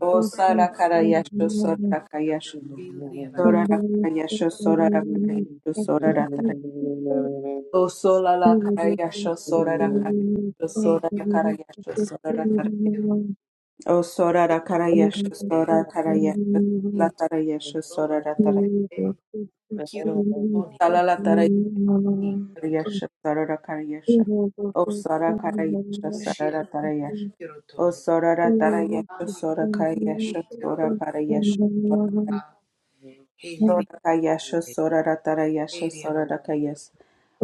Speaker 1: O sara karayasho sorara
Speaker 2: quiero
Speaker 1: karayasho
Speaker 2: silria na kate
Speaker 1: sorara karayasho sorara karayasho sorara tarayasho. O solala karayasho sorara karayasho
Speaker 2: eki
Speaker 1: sorara
Speaker 2: quiero
Speaker 1: karayasho sorara tarayasho.
Speaker 2: quiero
Speaker 1: O sorara
Speaker 2: quiero to
Speaker 1: karayasho
Speaker 2: te
Speaker 1: sorara karayasho la tarayasho sorara
Speaker 2: quiero te quiero to nina
Speaker 1: tarayasho.
Speaker 2: quiero to
Speaker 1: Karayasha, Sarara Karayasha, O Sara Karayasha,
Speaker 2: shia
Speaker 1: Sarara
Speaker 4: you.
Speaker 1: Tarayasha,
Speaker 2: quiero to
Speaker 1: O Sarara
Speaker 4: Thank you.
Speaker 1: Tarayasha,
Speaker 2: nina
Speaker 1: Sora Karayasha,
Speaker 2: quiero
Speaker 1: Sora Parayasha,
Speaker 2: a heliri
Speaker 1: Sora Kayasha, Sorara Tarayasha,
Speaker 2: heliri na
Speaker 1: Sorara Kayas,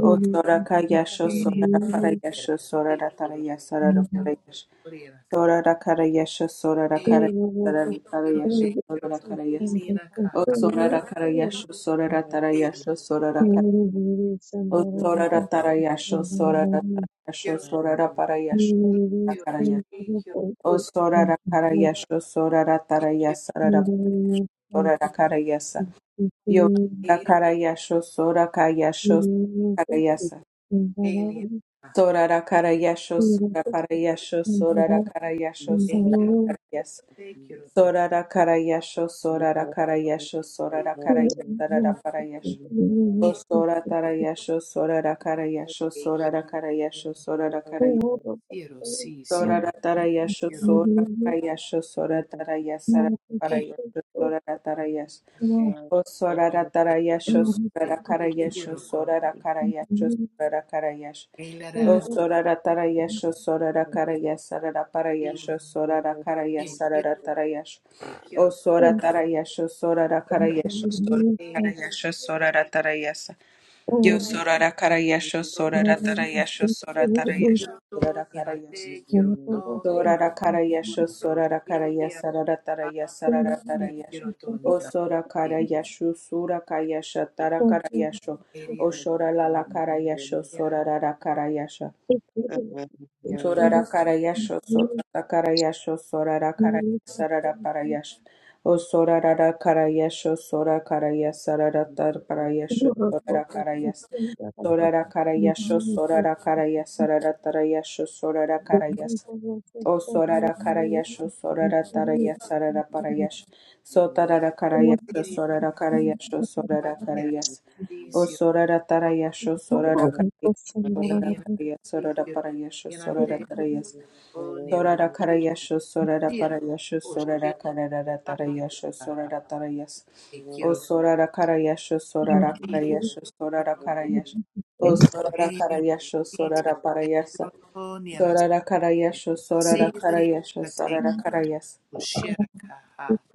Speaker 1: O Sora Kayasha,
Speaker 2: heliri
Speaker 1: Sorara
Speaker 2: era
Speaker 1: Parayasha,
Speaker 2: sí,
Speaker 1: Sorara
Speaker 2: quiero,
Speaker 1: Tarayasha,
Speaker 2: sí,
Speaker 1: Sarara
Speaker 2: quiero,
Speaker 1: Parayasha,
Speaker 2: Gloria a Ka.
Speaker 1: Sorara Karayasha, Sorara
Speaker 2: Eri,
Speaker 1: Karayasha,
Speaker 2: sí,
Speaker 1: Sarara Tarayasha, Sorara Karayasha,
Speaker 2: na ka,
Speaker 1: O
Speaker 2: ha,
Speaker 1: Sorara
Speaker 2: quiero,
Speaker 1: Karayasha, Sorara
Speaker 2: eri,
Speaker 1: Tarayasha, Sorara Karayasha, O sorara tarayasho, sorara tarayasho,
Speaker 2: quiero,
Speaker 1: sorara parayasho,
Speaker 2: sí, quiero, sí,
Speaker 1: rakaraya.
Speaker 2: quiero,
Speaker 1: O sorara karayasho, sorara
Speaker 2: sí, quiero,
Speaker 1: tarayasa, rara parayasho, sorara karayasa. Yo rakarayasho, sora kayasho, karayasa. Sorara karayasho, sora parayasho, sorara karayasho,
Speaker 2: e
Speaker 1: sorara karayasa.
Speaker 3: you.
Speaker 2: to,
Speaker 1: Sorara
Speaker 2: te
Speaker 1: karayasho,
Speaker 3: Thank
Speaker 1: sorara
Speaker 2: to,
Speaker 1: karayasho,
Speaker 2: y,
Speaker 1: sorara
Speaker 4: Thank you.
Speaker 1: karayasa,
Speaker 2: e,
Speaker 1: Sora tarayasho, sora rakara yasho
Speaker 2: e,
Speaker 1: sora rakara yasho sora rakara yasho
Speaker 2: sí,
Speaker 1: sora tara sora rakara yasho sora tara yasara para
Speaker 2: e, e, e,
Speaker 1: yasho sora tara o sora tara yasho sora rakara
Speaker 2: sí,
Speaker 1: yasho
Speaker 2: co,
Speaker 1: sora rakara yasho sora rakara yasho
Speaker 2: e,
Speaker 1: o sora tara yasho sora
Speaker 2: sí,
Speaker 1: rakara yasara para
Speaker 2: sí,
Speaker 1: yasho sora rakara
Speaker 2: e, quiero,
Speaker 1: yasara yasho o
Speaker 2: quiero,
Speaker 1: sora tara yasho sora rakara yasho sora rakara
Speaker 2: eri,
Speaker 1: yasho sora tara yasho Yo
Speaker 2: eri,
Speaker 1: sorara karayasho sorara tarayasho sorara tarayasho
Speaker 2: Kiroto,
Speaker 1: sorara karayasho
Speaker 2: Niarate, Kiroto, Hekima,
Speaker 1: sorara karayasho sorara karayasho
Speaker 2: Kiroshili,
Speaker 1: sorara tarayasho sorara
Speaker 2: Arate,
Speaker 1: tarayasho
Speaker 2: Kiroto,
Speaker 1: o sora
Speaker 2: Niarate,
Speaker 1: karayasho sura kayasho
Speaker 2: Kirasi,
Speaker 1: tara karayasho o
Speaker 2: Eriana,
Speaker 1: sora la karayasho
Speaker 2: Kira,
Speaker 1: sorara ra karayasho
Speaker 2: Kira,
Speaker 1: sorara karayasho sotara karayasho sorara karayasho sorara parayasho o sorara ra karayasho sora karayasho sorara tar
Speaker 4: Thank
Speaker 1: parayasho sorara karayasho Sorara karayasho, sorara karayasarara tarayasho, sorara karayas. O sorara karayasho, sorara tarayasarara parayasho. Sotarara karayasho,
Speaker 2: Siria,
Speaker 1: sorara karayasho, sorara
Speaker 2: Kira,
Speaker 1: karayas. O
Speaker 2: Sisio,
Speaker 1: sorara tarayasho, sorara karayasho, sorara
Speaker 2: Eriana, Si,
Speaker 1: karayasarara
Speaker 2: Kiroto,
Speaker 1: parayasho, sorara
Speaker 2: Niarate,
Speaker 1: tarayas.
Speaker 2: O,
Speaker 1: Sorara
Speaker 2: Niarati,
Speaker 1: karayasho, sorara
Speaker 2: Sira,
Speaker 1: parayasho,
Speaker 2: O,
Speaker 1: sorara
Speaker 2: Shila,
Speaker 1: karara
Speaker 2: Aria,
Speaker 1: tarayasho,
Speaker 2: Kaha,
Speaker 1: sorara tarayas.
Speaker 2: E,
Speaker 1: O
Speaker 2: Kiroto,
Speaker 3: you.
Speaker 1: sorara karayasho, sorara
Speaker 3: Thank
Speaker 2: Siria,
Speaker 1: karayasho,
Speaker 2: O,
Speaker 1: sorara karayasho. O sorara
Speaker 2: Eriana,
Speaker 1: karayasho,
Speaker 2: Si,
Speaker 1: sorara
Speaker 2: Tirate,
Speaker 1: parayasa.
Speaker 2: Kiroto, Niarasi,
Speaker 1: Sorara karayasho, sorara karayasho, sorara
Speaker 2: Kiroto,
Speaker 1: karayas.
Speaker 2: O,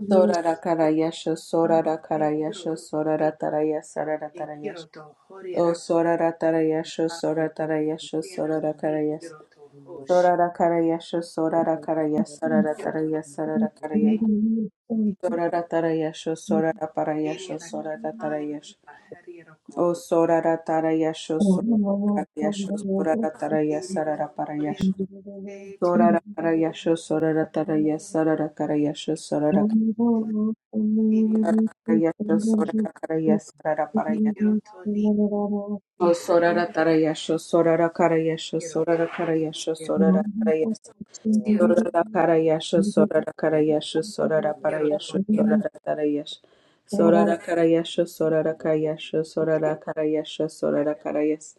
Speaker 1: Sorara karayasho, sorara karayasho,
Speaker 2: Kiroto,
Speaker 1: sorara tarayas, sorara
Speaker 2: Kiroto
Speaker 1: tarayas.
Speaker 2: kiro to
Speaker 1: O
Speaker 2: horira
Speaker 1: sorara tarayasho,
Speaker 2: ka
Speaker 1: sorara tarayasho, sorara
Speaker 2: si
Speaker 1: karayas.
Speaker 2: kiroto hoshi
Speaker 1: Sorara karaya sho sorara karaya sarara
Speaker 2: kiroto
Speaker 1: taraya sarara karaya
Speaker 2: Esi
Speaker 1: sorara taraya sho sorara paraya sho
Speaker 2: Ariana
Speaker 1: sorara
Speaker 4: you.
Speaker 2: Kahani
Speaker 1: taraya sho
Speaker 2: Hariroko
Speaker 1: o sorara taraya sho
Speaker 4: Thank
Speaker 1: sorara
Speaker 4: you.
Speaker 1: karaya sho sorara taraya
Speaker 2: Ariano
Speaker 1: sarara paraya
Speaker 2: Oriente to e si eri na kani ka heri ro ko eri ro horia
Speaker 1: sho
Speaker 2: te tiro
Speaker 1: sorara karaya sho sorara taraya sarara karaya sho
Speaker 2: e
Speaker 1: sorara
Speaker 2: siri ro
Speaker 1: karaya sho sorara karaya sarara
Speaker 2: e
Speaker 1: paraya
Speaker 2: ni
Speaker 1: o
Speaker 2: e kiro
Speaker 1: sorara taraya sho sorara karaya sho
Speaker 2: kiro
Speaker 1: sorara
Speaker 2: si
Speaker 1: karaya sho sorara
Speaker 2: si
Speaker 1: taraya
Speaker 2: siro
Speaker 1: Sorara Karayasha Sorara
Speaker 2: ste
Speaker 1: Karayasha Sorara
Speaker 2: kiro to
Speaker 1: Parayasha
Speaker 2: ni na
Speaker 1: Sorara Tarayash
Speaker 2: te
Speaker 1: Sorara Karayasha Sorara Kayasha
Speaker 2: kiro
Speaker 1: Sorara Karayasha
Speaker 2: ya
Speaker 1: Sorara Karayas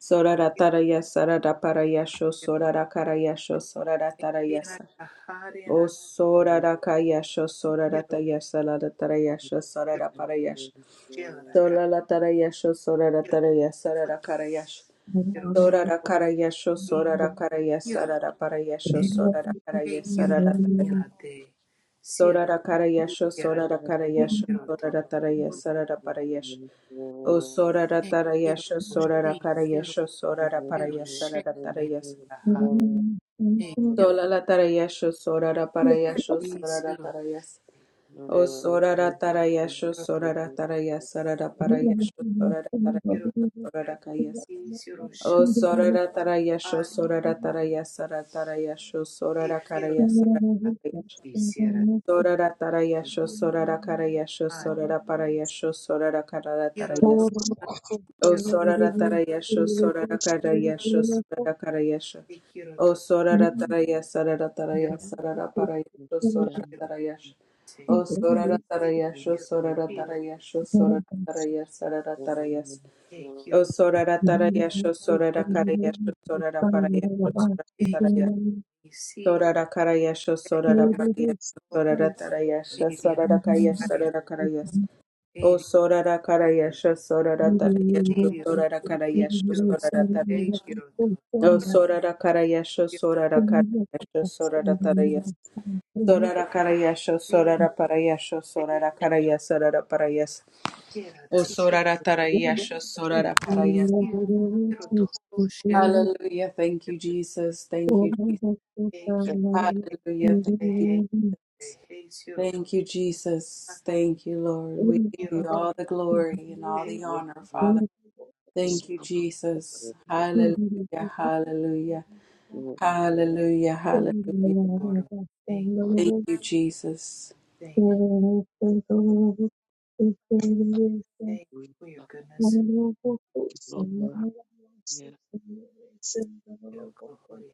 Speaker 1: Sorara
Speaker 2: kiro
Speaker 1: Tarayas Sarada Parayasha
Speaker 2: kiro
Speaker 1: Sorara Karayasha Sorara Tarayasa
Speaker 2: na
Speaker 1: O Sorara Kayasha Sorara
Speaker 2: kiro
Speaker 1: Tayasa Lada Tarayasha
Speaker 2: kiro
Speaker 1: Sorara Parayash
Speaker 2: shela ka
Speaker 1: Sorara Tarayasha Sorara
Speaker 2: kiro
Speaker 1: Tarayasa Sarada Karayash
Speaker 2: kiro
Speaker 1: Sora ra kara yesho,
Speaker 2: si
Speaker 1: sora ra kara
Speaker 2: kiro
Speaker 1: yesara ra
Speaker 2: to
Speaker 1: para yesho, sora ra kara
Speaker 2: Hey, quiero
Speaker 1: yesara ra tara yesho.
Speaker 2: mirarte, quiero
Speaker 1: Sora ra kara yesho, sora
Speaker 2: mirarte,
Speaker 1: ra kara yesho,
Speaker 2: quiero
Speaker 1: sora
Speaker 2: to,
Speaker 1: ra tara yesara ra para yesho. O sora ra
Speaker 2: hey,
Speaker 1: tara
Speaker 2: quiero
Speaker 1: yesho,
Speaker 2: to,
Speaker 1: sora ra
Speaker 2: sí,
Speaker 1: kara
Speaker 2: quiero,
Speaker 1: yesho, sora ra para
Speaker 2: quiero,
Speaker 1: yesara ra tara yesho.
Speaker 2: mirata, hey, quiero,
Speaker 1: Sola la tara yesho, sora ra para yesho,
Speaker 2: sí,
Speaker 1: sora ra
Speaker 2: quiero
Speaker 1: tara yesho.
Speaker 2: te,
Speaker 1: O sora ra tara yesho,
Speaker 2: quiero to,
Speaker 1: sora ra tara yesara ra para
Speaker 4: Thank
Speaker 1: yesho, sora ra tara
Speaker 2: quiero
Speaker 1: yesho, sora ra kara yesho.
Speaker 2: sí,
Speaker 1: O sorara tara yesho sorara tara yesara tara yesho
Speaker 2: hey,
Speaker 1: sorara kara
Speaker 2: quiero to,
Speaker 1: yesara
Speaker 2: sí, quiero
Speaker 1: sorara tara yesho sorara kara yesho
Speaker 2: ah,
Speaker 1: sorara para yesho sorara kara tara
Speaker 2: quiero to,
Speaker 1: yes.
Speaker 2: ah,
Speaker 1: O sorara tara yesho sorara kara yesho sorara kara yesho
Speaker 2: hey, quiero
Speaker 1: O
Speaker 2: to,
Speaker 1: sorarataraya
Speaker 2: quiero,
Speaker 1: sararataraya sararaparaya sho
Speaker 2: quiero
Speaker 3: you.
Speaker 1: sorarataraya sh-
Speaker 2: te,
Speaker 1: O
Speaker 3: Amen.
Speaker 2: sí,
Speaker 1: sorarataraya sho
Speaker 2: quiero, sí,
Speaker 1: sorarataraya sho sorarataraya sararataraya s-
Speaker 2: hey,
Speaker 1: O
Speaker 2: quiero,
Speaker 1: sorarataraya sho
Speaker 2: sí,
Speaker 1: sorarakaraya sho soraraparaya sho
Speaker 2: hey, quiero,
Speaker 1: sorarataraya
Speaker 2: sí,
Speaker 1: sorarakaraya sho
Speaker 2: hey, quiero,
Speaker 1: soraraparaya sho sorarataraya
Speaker 2: hey,
Speaker 1: sho
Speaker 2: Ariana,
Speaker 1: sorarakaraya
Speaker 2: Ariana,
Speaker 1: sorarakaraya
Speaker 4: you.
Speaker 1: s-
Speaker 2: hey,
Speaker 1: O
Speaker 2: Kiro,
Speaker 1: sorarakaraya sho
Speaker 4: Thank
Speaker 1: sorarataraya sho
Speaker 4: you.
Speaker 2: Sirio,
Speaker 1: sorarakaraya sho
Speaker 2: Sirio,
Speaker 1: sorarataraya
Speaker 2: Ekiro,
Speaker 1: Oh,
Speaker 2: Okiro,
Speaker 1: sorara karayasho, sorara karayasho, sorara tarayas. Sorara karayasho,
Speaker 2: Si,
Speaker 1: sorara parayasho, sorara
Speaker 2: Ekiro,
Speaker 1: karayas, sorara parayas.
Speaker 2: Sierra,
Speaker 1: Oh, sorara tarayasho, sorara parayas.
Speaker 2: Tikiro, Kiroto, Oshera,
Speaker 1: Hallelujah. Thank you, Jesus. Thank you, Jesus.
Speaker 2: Ekiro, Ekiro,
Speaker 1: Hallelujah. Thank you,
Speaker 2: Ehe,
Speaker 1: Jesus.
Speaker 2: Ehe, Siro,
Speaker 1: Thank you, Jesus. Thank you, Lord. We give
Speaker 2: Shakiro,
Speaker 1: you all the glory and all the honor, Father. Thank you, Jesus.
Speaker 2: Ekiro,
Speaker 1: Hallelujah. Hallelujah. Hallelujah. Hallelujah.
Speaker 2: thank,
Speaker 1: Thank you, Jesus.
Speaker 2: thank, thank you for your
Speaker 4: Thank
Speaker 2: goodness,
Speaker 4: you.
Speaker 2: Kiro, Kohori,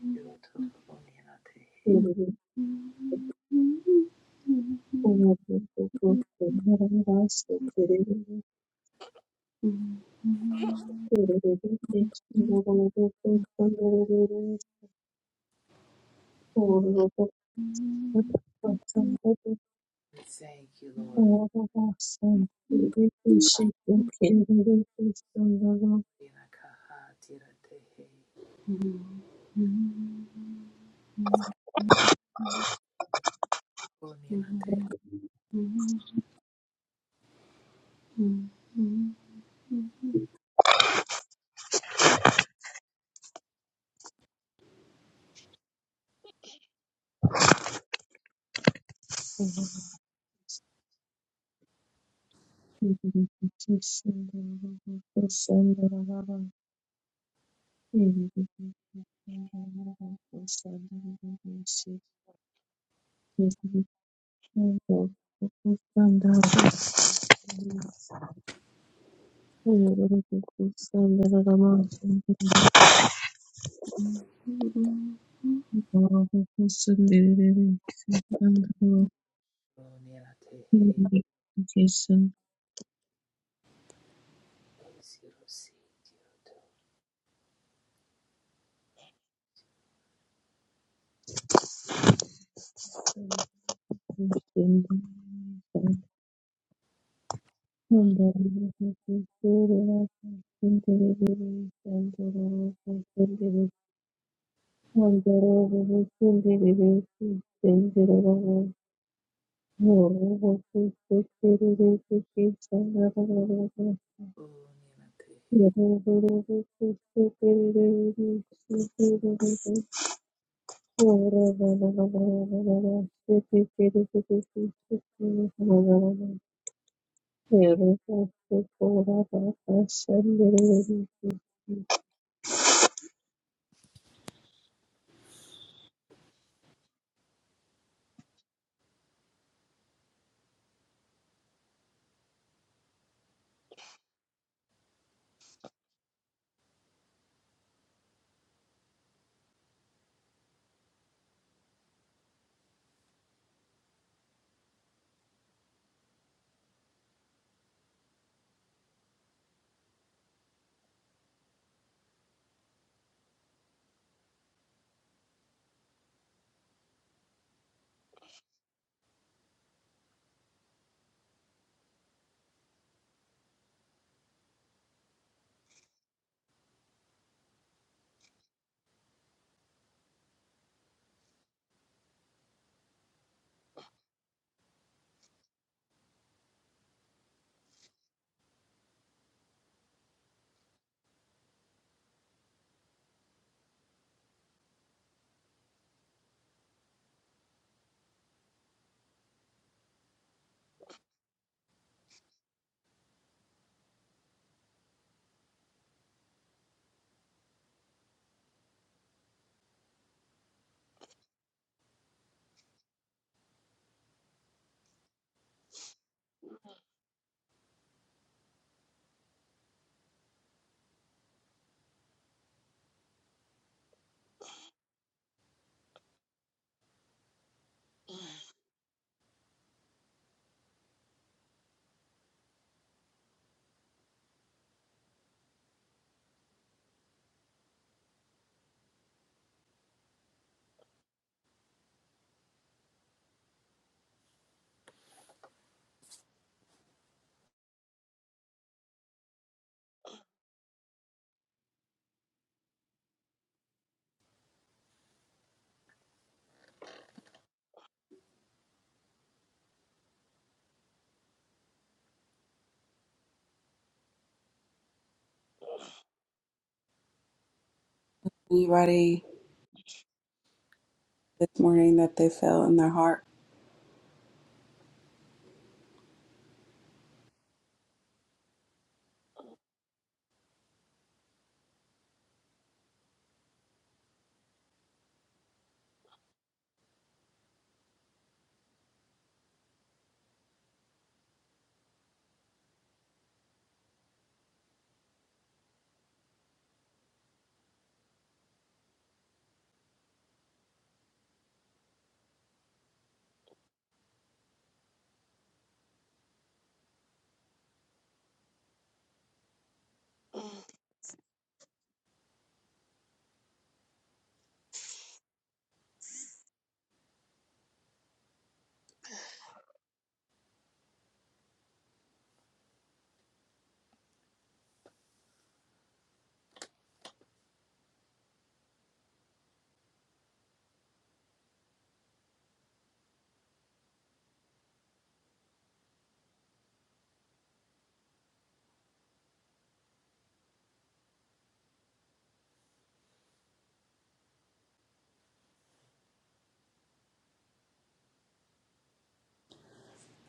Speaker 2: Kakiro, Tohonina, Tehe.
Speaker 4: Thank
Speaker 2: Thank you, Lord, we Rina, Kaha, Tira, Tehe, Onina, Tehe,
Speaker 4: you.
Speaker 2: Onina, Tehe, Siro, Si.
Speaker 4: Thank you.
Speaker 1: Anybody this morning that they feel in their heart?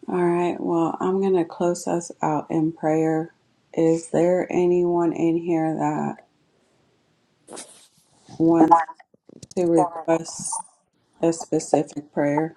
Speaker 1: All right, well, I'm going to close us out in prayer. Is there anyone in here that wants to request a specific prayer?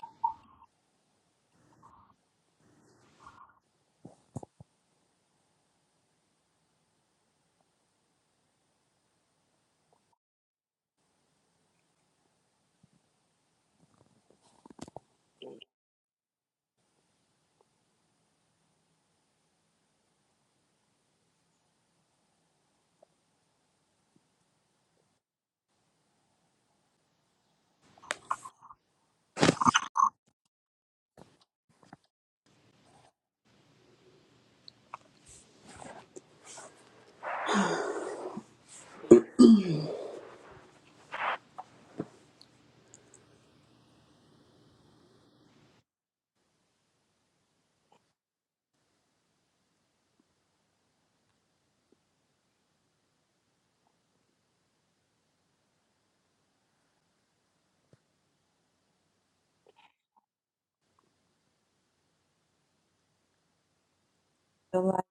Speaker 1: I feel like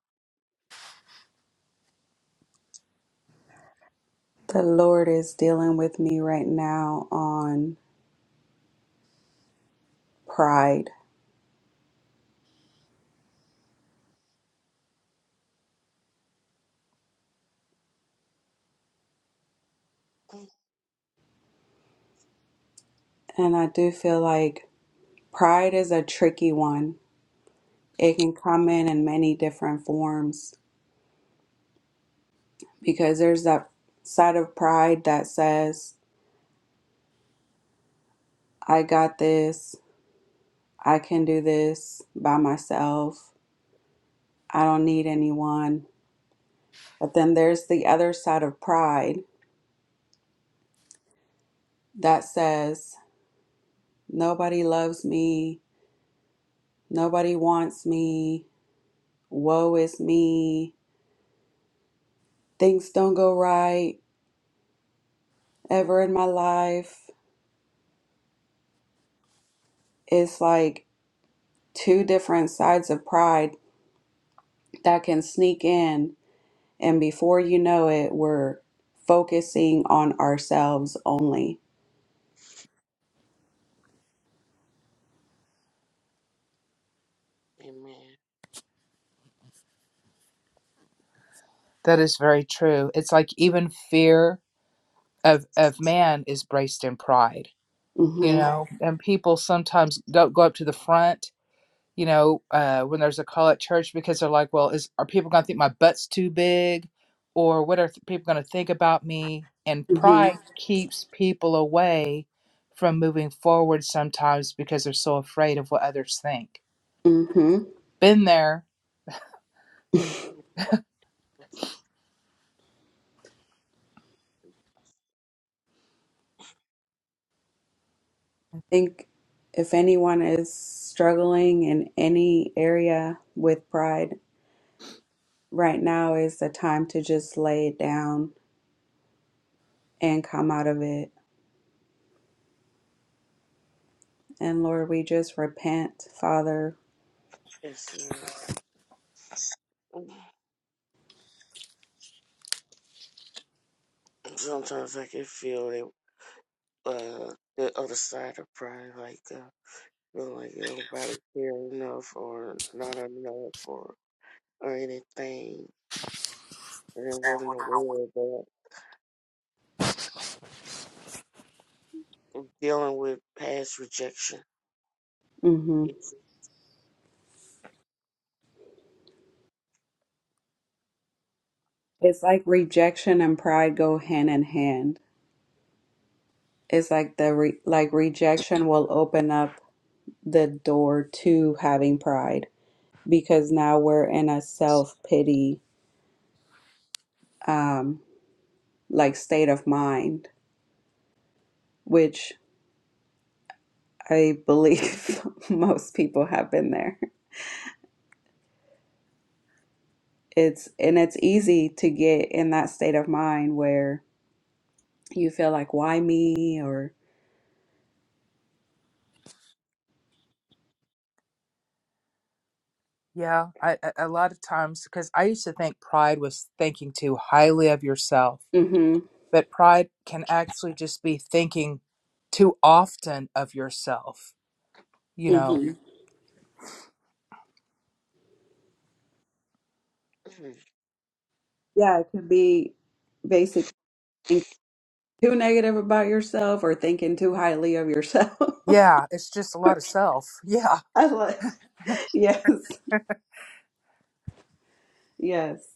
Speaker 1: the Lord is dealing with me right now on pride. And I do feel like pride is a tricky one. It can come in in many different forms because there's that side of pride that says, I got this. I can do this by myself. I don't need anyone. But then there's the other side of pride that says, nobody loves me. Nobody wants me. Woe is me. Things don't go right ever in my life. It's like two different sides of pride that can sneak in. And before you know it, we're focusing on ourselves only.
Speaker 2: That is very true. It's like even fear of of man is braced in pride, you
Speaker 1: Mm-hmm.
Speaker 2: know. And people sometimes don't go up to the front, you know, uh, when there's a call at church because they're like, "Well, is are people going to think my butt's too big, or what are th- people going to think about me?" And
Speaker 1: Mm-hmm.
Speaker 2: pride keeps people away from moving forward sometimes because they're so afraid of what others think.
Speaker 1: hmm
Speaker 2: Been there,
Speaker 1: I think if anyone is struggling in any area with pride, right now is the time to just lay it down and come out of it. And Lord, we just repent, Father.
Speaker 3: Yes, Lord. Sometimes I can feel the uh, the other side of pride, like uh, feeling like nobody cared enough or not enough or or anything, and I wasn't aware of that. dealing with past rejection.
Speaker 1: hmm
Speaker 3: It's
Speaker 1: It's like rejection and pride go hand in hand. It's like the re- like rejection will open up the door to having pride because now we're in a self pity um, like state of mind, which I believe most people have been there. It's and it's easy to get in that state of mind where you feel like why me or
Speaker 2: Yeah, I, a a lot of times because I used to think pride was thinking too highly of yourself,
Speaker 1: mhm
Speaker 2: but pride can actually just be thinking too often of yourself. You know,
Speaker 1: mhm yeah it could be basically thinking too negative about yourself or thinking too highly of yourself.
Speaker 2: yeah, it's just a lot of self. Yeah,
Speaker 1: I love yes yes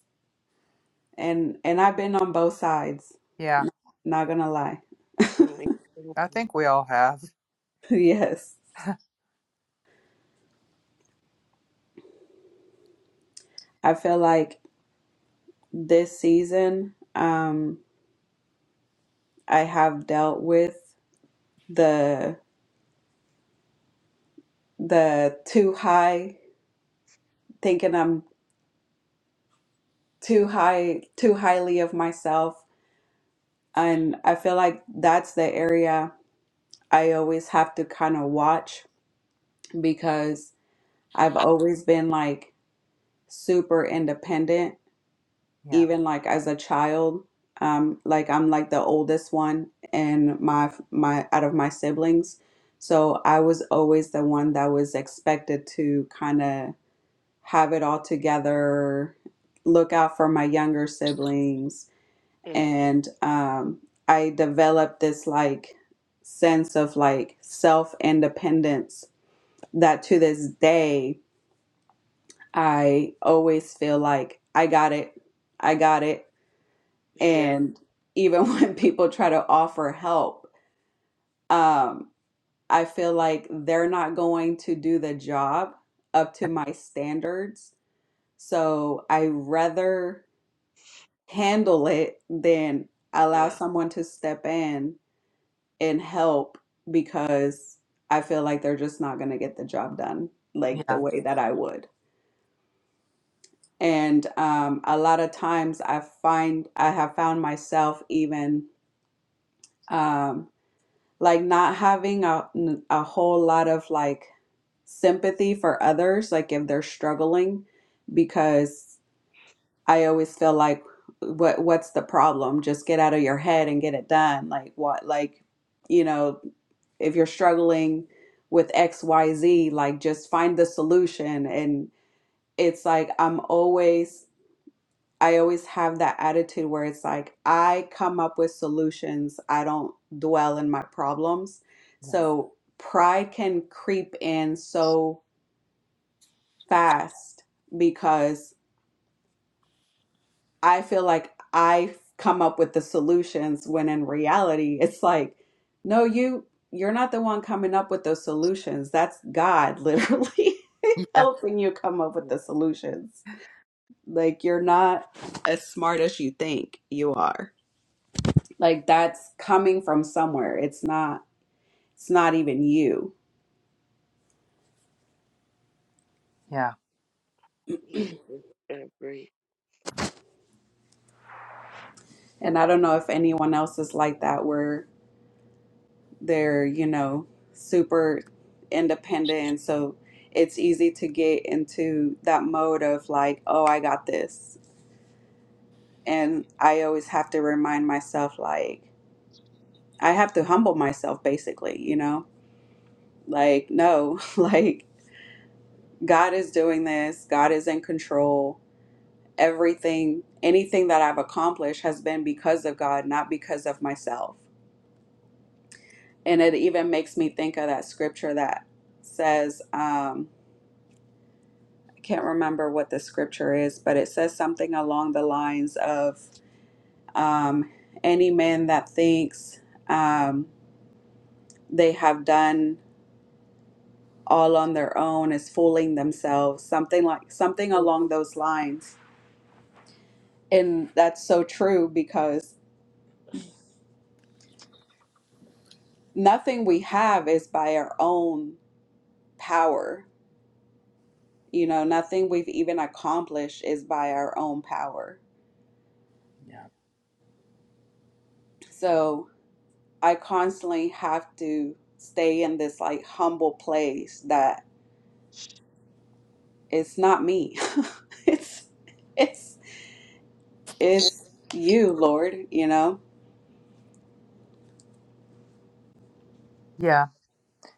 Speaker 1: and and I've been on both sides
Speaker 2: yeah.
Speaker 1: not gonna lie
Speaker 3: mm-hmm.
Speaker 2: I think we all have.
Speaker 1: yes I feel like this season um I have dealt with. the the too high thinking I'm too high too highly of myself and I feel like that's the area I always have to kind of watch because I've always been like super independent
Speaker 2: Yeah,
Speaker 1: even like as a child um like I'm like the oldest one in my my out of my siblings so I was always the one that was expected to kind of have it all together, look out for my younger siblings.
Speaker 3: yeah,
Speaker 1: And um, I developed this like sense of like self independence that to this day, I always feel like I got it, I got it.
Speaker 3: yeah,
Speaker 1: And even when people try to offer help, um, I feel like they're not going to do the job up to my standards. So I rather handle it than allow someone to step in and help because I feel like they're just not going to get the job done like the
Speaker 2: yeah,
Speaker 1: way that I would. And um, a lot of times I find I have found myself even um, like not having a, a whole lot of like sympathy for others, like if they're struggling, because I always feel like what what's the problem? Just get out of your head and get it done. Like what like you know, if you're struggling with XYZ, like just find the solution and it's like I'm always I always have that attitude where it's like I come up with solutions. I don't dwell in my problems.
Speaker 2: yeah,
Speaker 1: So pride can creep in so fast because. I feel like I come up with the solutions when in reality it's like no you you're not the one coming up with those solutions that's God literally
Speaker 2: yeah,
Speaker 1: helping you come up with
Speaker 3: mm,
Speaker 1: the solutions like you're not as smart as you think you are like that's coming from somewhere it's not it's not even you
Speaker 2: yeah,
Speaker 3: yeah. yeah, I agree.
Speaker 1: and I don't know if anyone else is like that where they're you know super independent and so it's easy to get into that mode of like oh i got this and i always have to remind myself like i have to humble myself basically you know like no like god is doing this god is in control everything anything that i've accomplished has been because of god not because of myself and it even makes me think of that scripture that says um. I can't remember what the scripture is, but it says something along the lines of um, any man that thinks um, they have done all on their own is fooling themselves, something like something along those lines. And that's so true because nothing we have is by our own power. You know, nothing we've even accomplished is by our own power.
Speaker 2: yeah.
Speaker 1: So I constantly have to stay in this like humble place that it's not me. it's it's it's you, Lord, you know?
Speaker 2: yeah.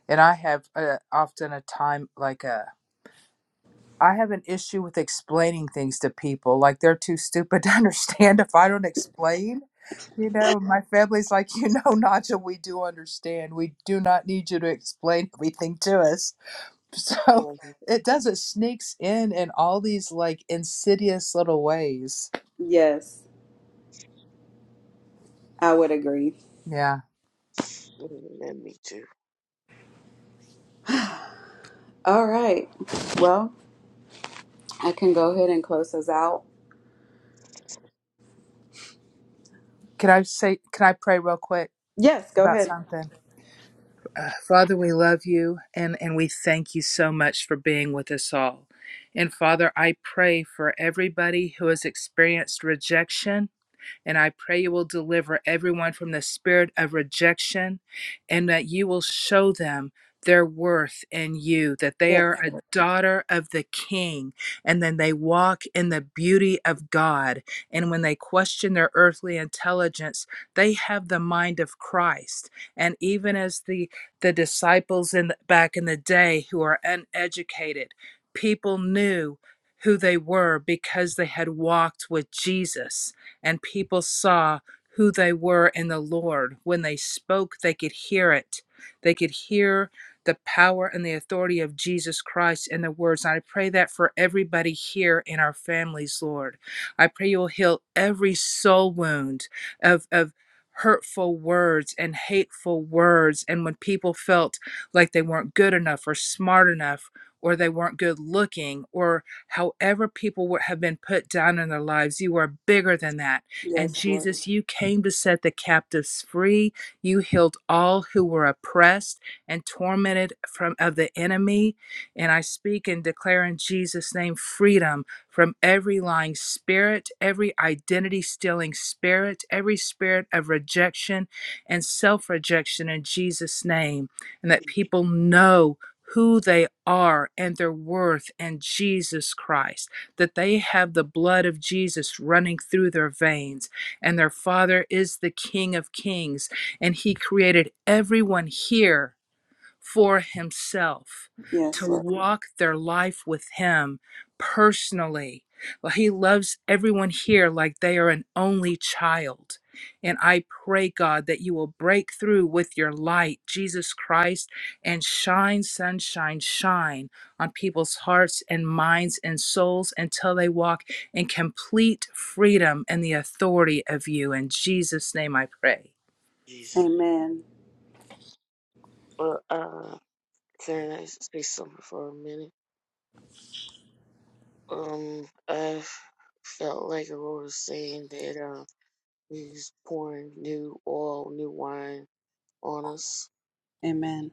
Speaker 2: And I have uh, often a time like a. I have an issue with explaining things to people. Like they're too stupid to understand if I don't explain You know, my family's like, you know, Naja, we do understand. We do not need you to explain everything to us. So it does, it sneaks in in all these like insidious little ways.
Speaker 1: Yes, I would agree.
Speaker 2: Yeah.
Speaker 3: Let me too.
Speaker 1: All right. Well, I can go ahead and close us out.
Speaker 2: Can I say, can I pray real quick
Speaker 1: Yes, go
Speaker 2: about
Speaker 1: ahead.
Speaker 2: something? Uh, Father, we love you and, and we thank you so much for being with us all. And Father, I pray for everybody who has experienced rejection And I pray you will deliver everyone from the spirit of rejection and that you will show them their worth in you, that they
Speaker 1: Yes.
Speaker 2: are a daughter of the King, and then they walk in the beauty of God. And when they question their earthly intelligence, they have the mind of Christ. And even as the the disciples in the, back in the day who are uneducated, people knew who they were because they had walked with Jesus and people saw who they were in the Lord. When they spoke, they could hear it. They could hear the power and the authority of Jesus Christ in the words. And I pray that for everybody here in our families, Lord. I pray you'll heal every soul wound of, of hurtful words and hateful words. And when people felt like they weren't good enough or smart enough or they weren't good looking or however people were, have been put down in their lives, you are bigger than that. And
Speaker 1: Yes, Lord.
Speaker 2: Jesus, you came to set the captives free. You healed all who were oppressed and tormented from of the enemy. And I speak and declare in Jesus' name freedom from every lying spirit, every identity stealing spirit, every spirit of rejection and self rejection in Jesus' name. And that
Speaker 3: In
Speaker 2: people know who they are and their worth in Jesus Christ, that they have the blood of Jesus running through their veins, and their Father is the King of Kings, and He created everyone here for himself, to
Speaker 1: Yes, Lord.
Speaker 2: walk their life with him personally. Well, he loves everyone here like they are an only child. And I pray, God, that you will break through with your light, Jesus Christ, and shine, sunshine, shine on people's hearts and minds and souls until they walk in complete freedom and the authority of you. In Jesus' name I pray.
Speaker 3: Jesus' name.
Speaker 1: Amen.
Speaker 3: But uh, can I say something for a minute? Um, I felt like Aurora was saying that uh, he's pouring new oil, new wine on us.
Speaker 1: Amen.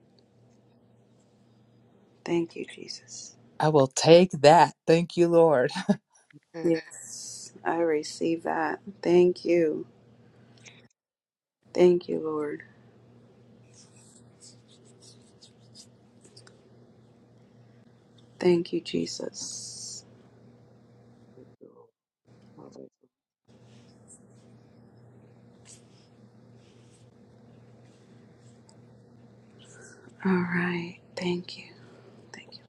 Speaker 1: Thank you, Jesus.
Speaker 2: I will take that. Thank you, Lord.
Speaker 1: Yes, I receive that. Thank you. Thank you, Lord. Thank you, Jesus.
Speaker 3: So, I was like,
Speaker 1: All right. Thank you. Thank you.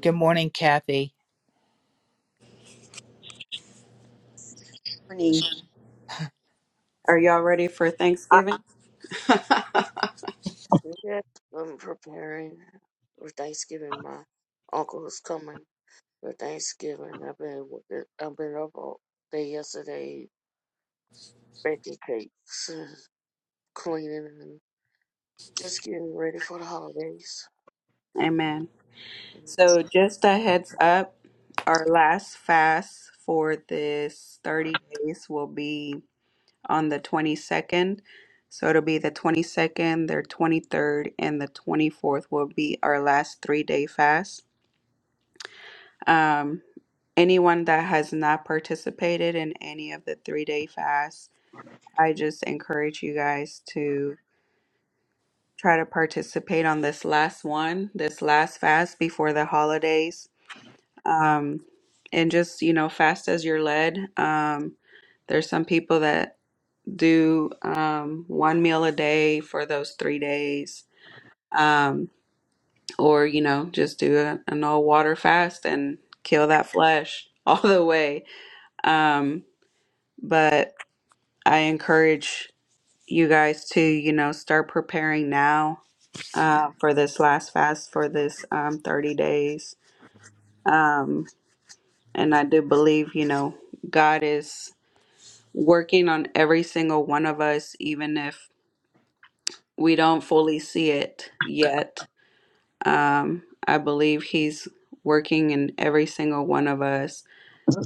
Speaker 2: Good morning, Kathy.
Speaker 5: morning.
Speaker 1: Are y'all ready for
Speaker 5: I
Speaker 1: Thanksgiving?
Speaker 3: Yes, I'm preparing for Thanksgiving. My uncle is coming for Thanksgiving. I've been working. I've been up all day yesterday baking cakes cleaning and just getting ready for the holidays.
Speaker 1: Amen.
Speaker 3: Mm,
Speaker 1: So, just a heads up our last fast for this 30 days will be on the 22nd. So, it'll be the 22nd, the 23rd, and the 24th will be our last three day fast. Um, anyone that has not participated in any of the three day fasts, I just encourage you guys to. try to participate on this last one, this last fast before the holidays. Um, and just, you know, fast as you're led. Um, there's some people that do um, one meal a day for those three days. Um, or, you know, just do a, an all water fast and kill that flesh all the way. Um, but I encourage you guys to, you know, start preparing now uh, for this last fast for this um, 30 days. Um, and I do believe, you know, God is working on every single one of us, even if we don't fully see it yet. Um, I believe He's working in every single one of us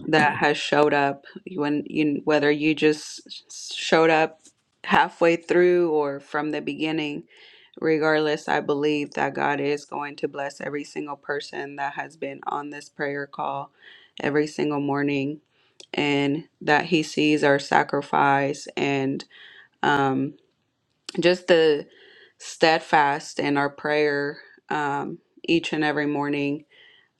Speaker 1: that has showed up when you whether you just showed up halfway through or from the beginning Regardless, I believe that God is going to bless every single person that has been on this prayer call every single morning and that He sees our sacrifice and um, just the steadfast in our prayer um, each and every morning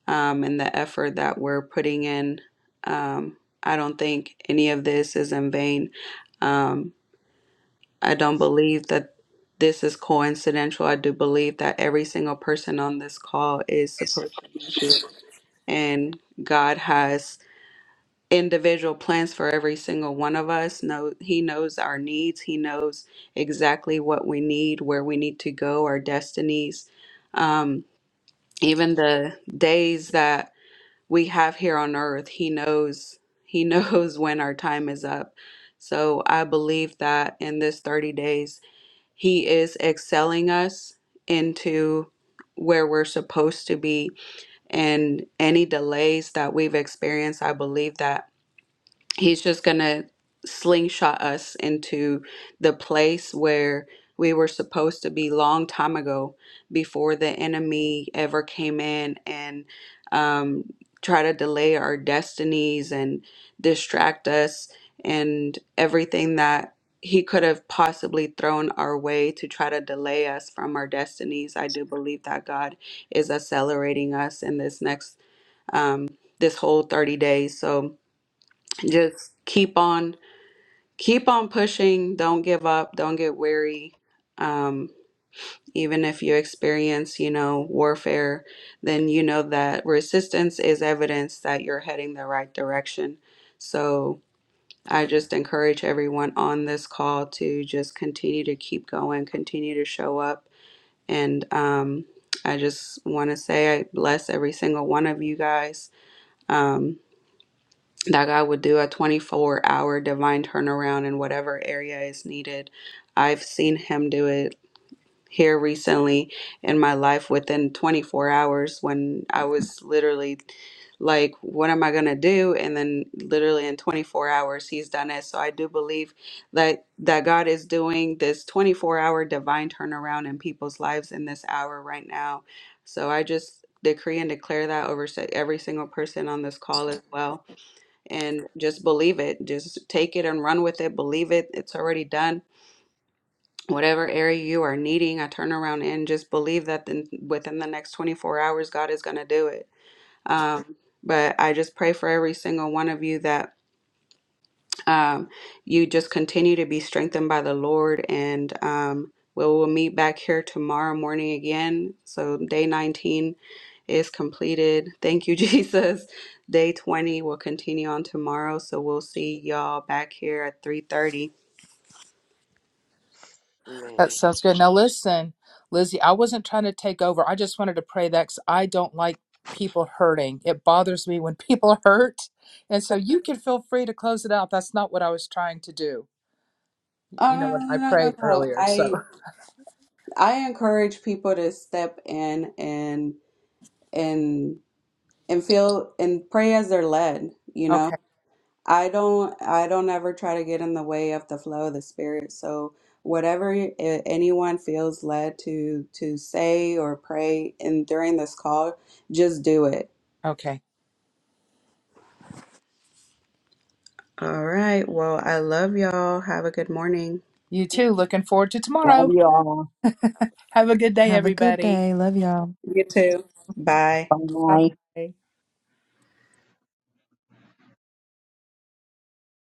Speaker 1: um, and the effort that we're putting in. Um, I don't think any of this is in vain. Um, I don't believe that this is coincidental. I do believe that every single person on this call is supposed to be here. And God has individual plans for every single one of us. No, he knows our needs. He knows exactly what we need, where we need to go, our destinies. Um, even the days that we have here on earth, he knows he knows when our time is up. So I believe that in this 30 days he is excelling us into where we're supposed to be. And any delays that we've experienced, I believe that he's just gonna slingshot us into the place where we were supposed to be long time ago before the enemy ever came in and um, try to delay our destinies and distract us and everything that he could have possibly thrown our way to try to delay us from our destinies i do believe that god is accelerating us in this next um, this whole 30 days so just keep on keep on pushing don't give up don't get weary um, even if you experience you know warfare then you know that resistance is evidence that you're heading the right direction so i just encourage everyone on this call to just continue to keep going continue to show up and um, i just want to say i bless every single one of you guys Um, that God would do a 24 hour divine turnaround in whatever area is needed. I've seen Him do it here recently in my life within 24 hours when I was literally like, What am I going to do? And then literally in 24 hours, He's done it. So I do believe that, that God is doing this 24 hour divine turnaround in people's lives in this hour right now. So I just decree and declare that over se- every single person on this call as well and just believe it. Just take it and run with it. Believe it. It's already done. Whatever area you are needing a turnaround in, just believe that then within the next 24 hours, God is going to do it. Um, but I just pray for every single one of you that um, you just continue to be strengthened by the Lord, and um, we'll, we'll meet back here tomorrow morning again. So, day 19 is completed. Thank you, Jesus. Day 20 will continue on tomorrow, so we'll see y'all back here at 3:30.
Speaker 2: That
Speaker 3: Man.
Speaker 2: sounds good. Now, listen, Lizzie, I wasn't trying to take over. I just wanted to pray that 'cause I don't like people hurting. It bothers me when people hurt. And so you can feel free to close it out. That's not what I was trying to do,
Speaker 1: Uh,
Speaker 2: you know, when I
Speaker 1: no, no,
Speaker 2: prayed
Speaker 1: no.
Speaker 2: earlier. So,
Speaker 1: I I encourage people to step in and and and feel and pray as they're led. You know,
Speaker 2: okay.
Speaker 1: I don't I don't ever try to get in the way of the flow of the spirit. So whatever y- a- anyone feels led to to say or pray and during this call, just do it.
Speaker 2: Okay.
Speaker 1: All right. Well, I love y'all. Have a good morning.
Speaker 2: You too. Looking forward to
Speaker 5: love
Speaker 2: tomorrow.
Speaker 5: you all.
Speaker 2: Have a good day,
Speaker 6: Have a good
Speaker 2: everybody.
Speaker 6: day. Love y'all.
Speaker 1: You too. Bye.
Speaker 2: Bye
Speaker 5: Bye.
Speaker 2: bye.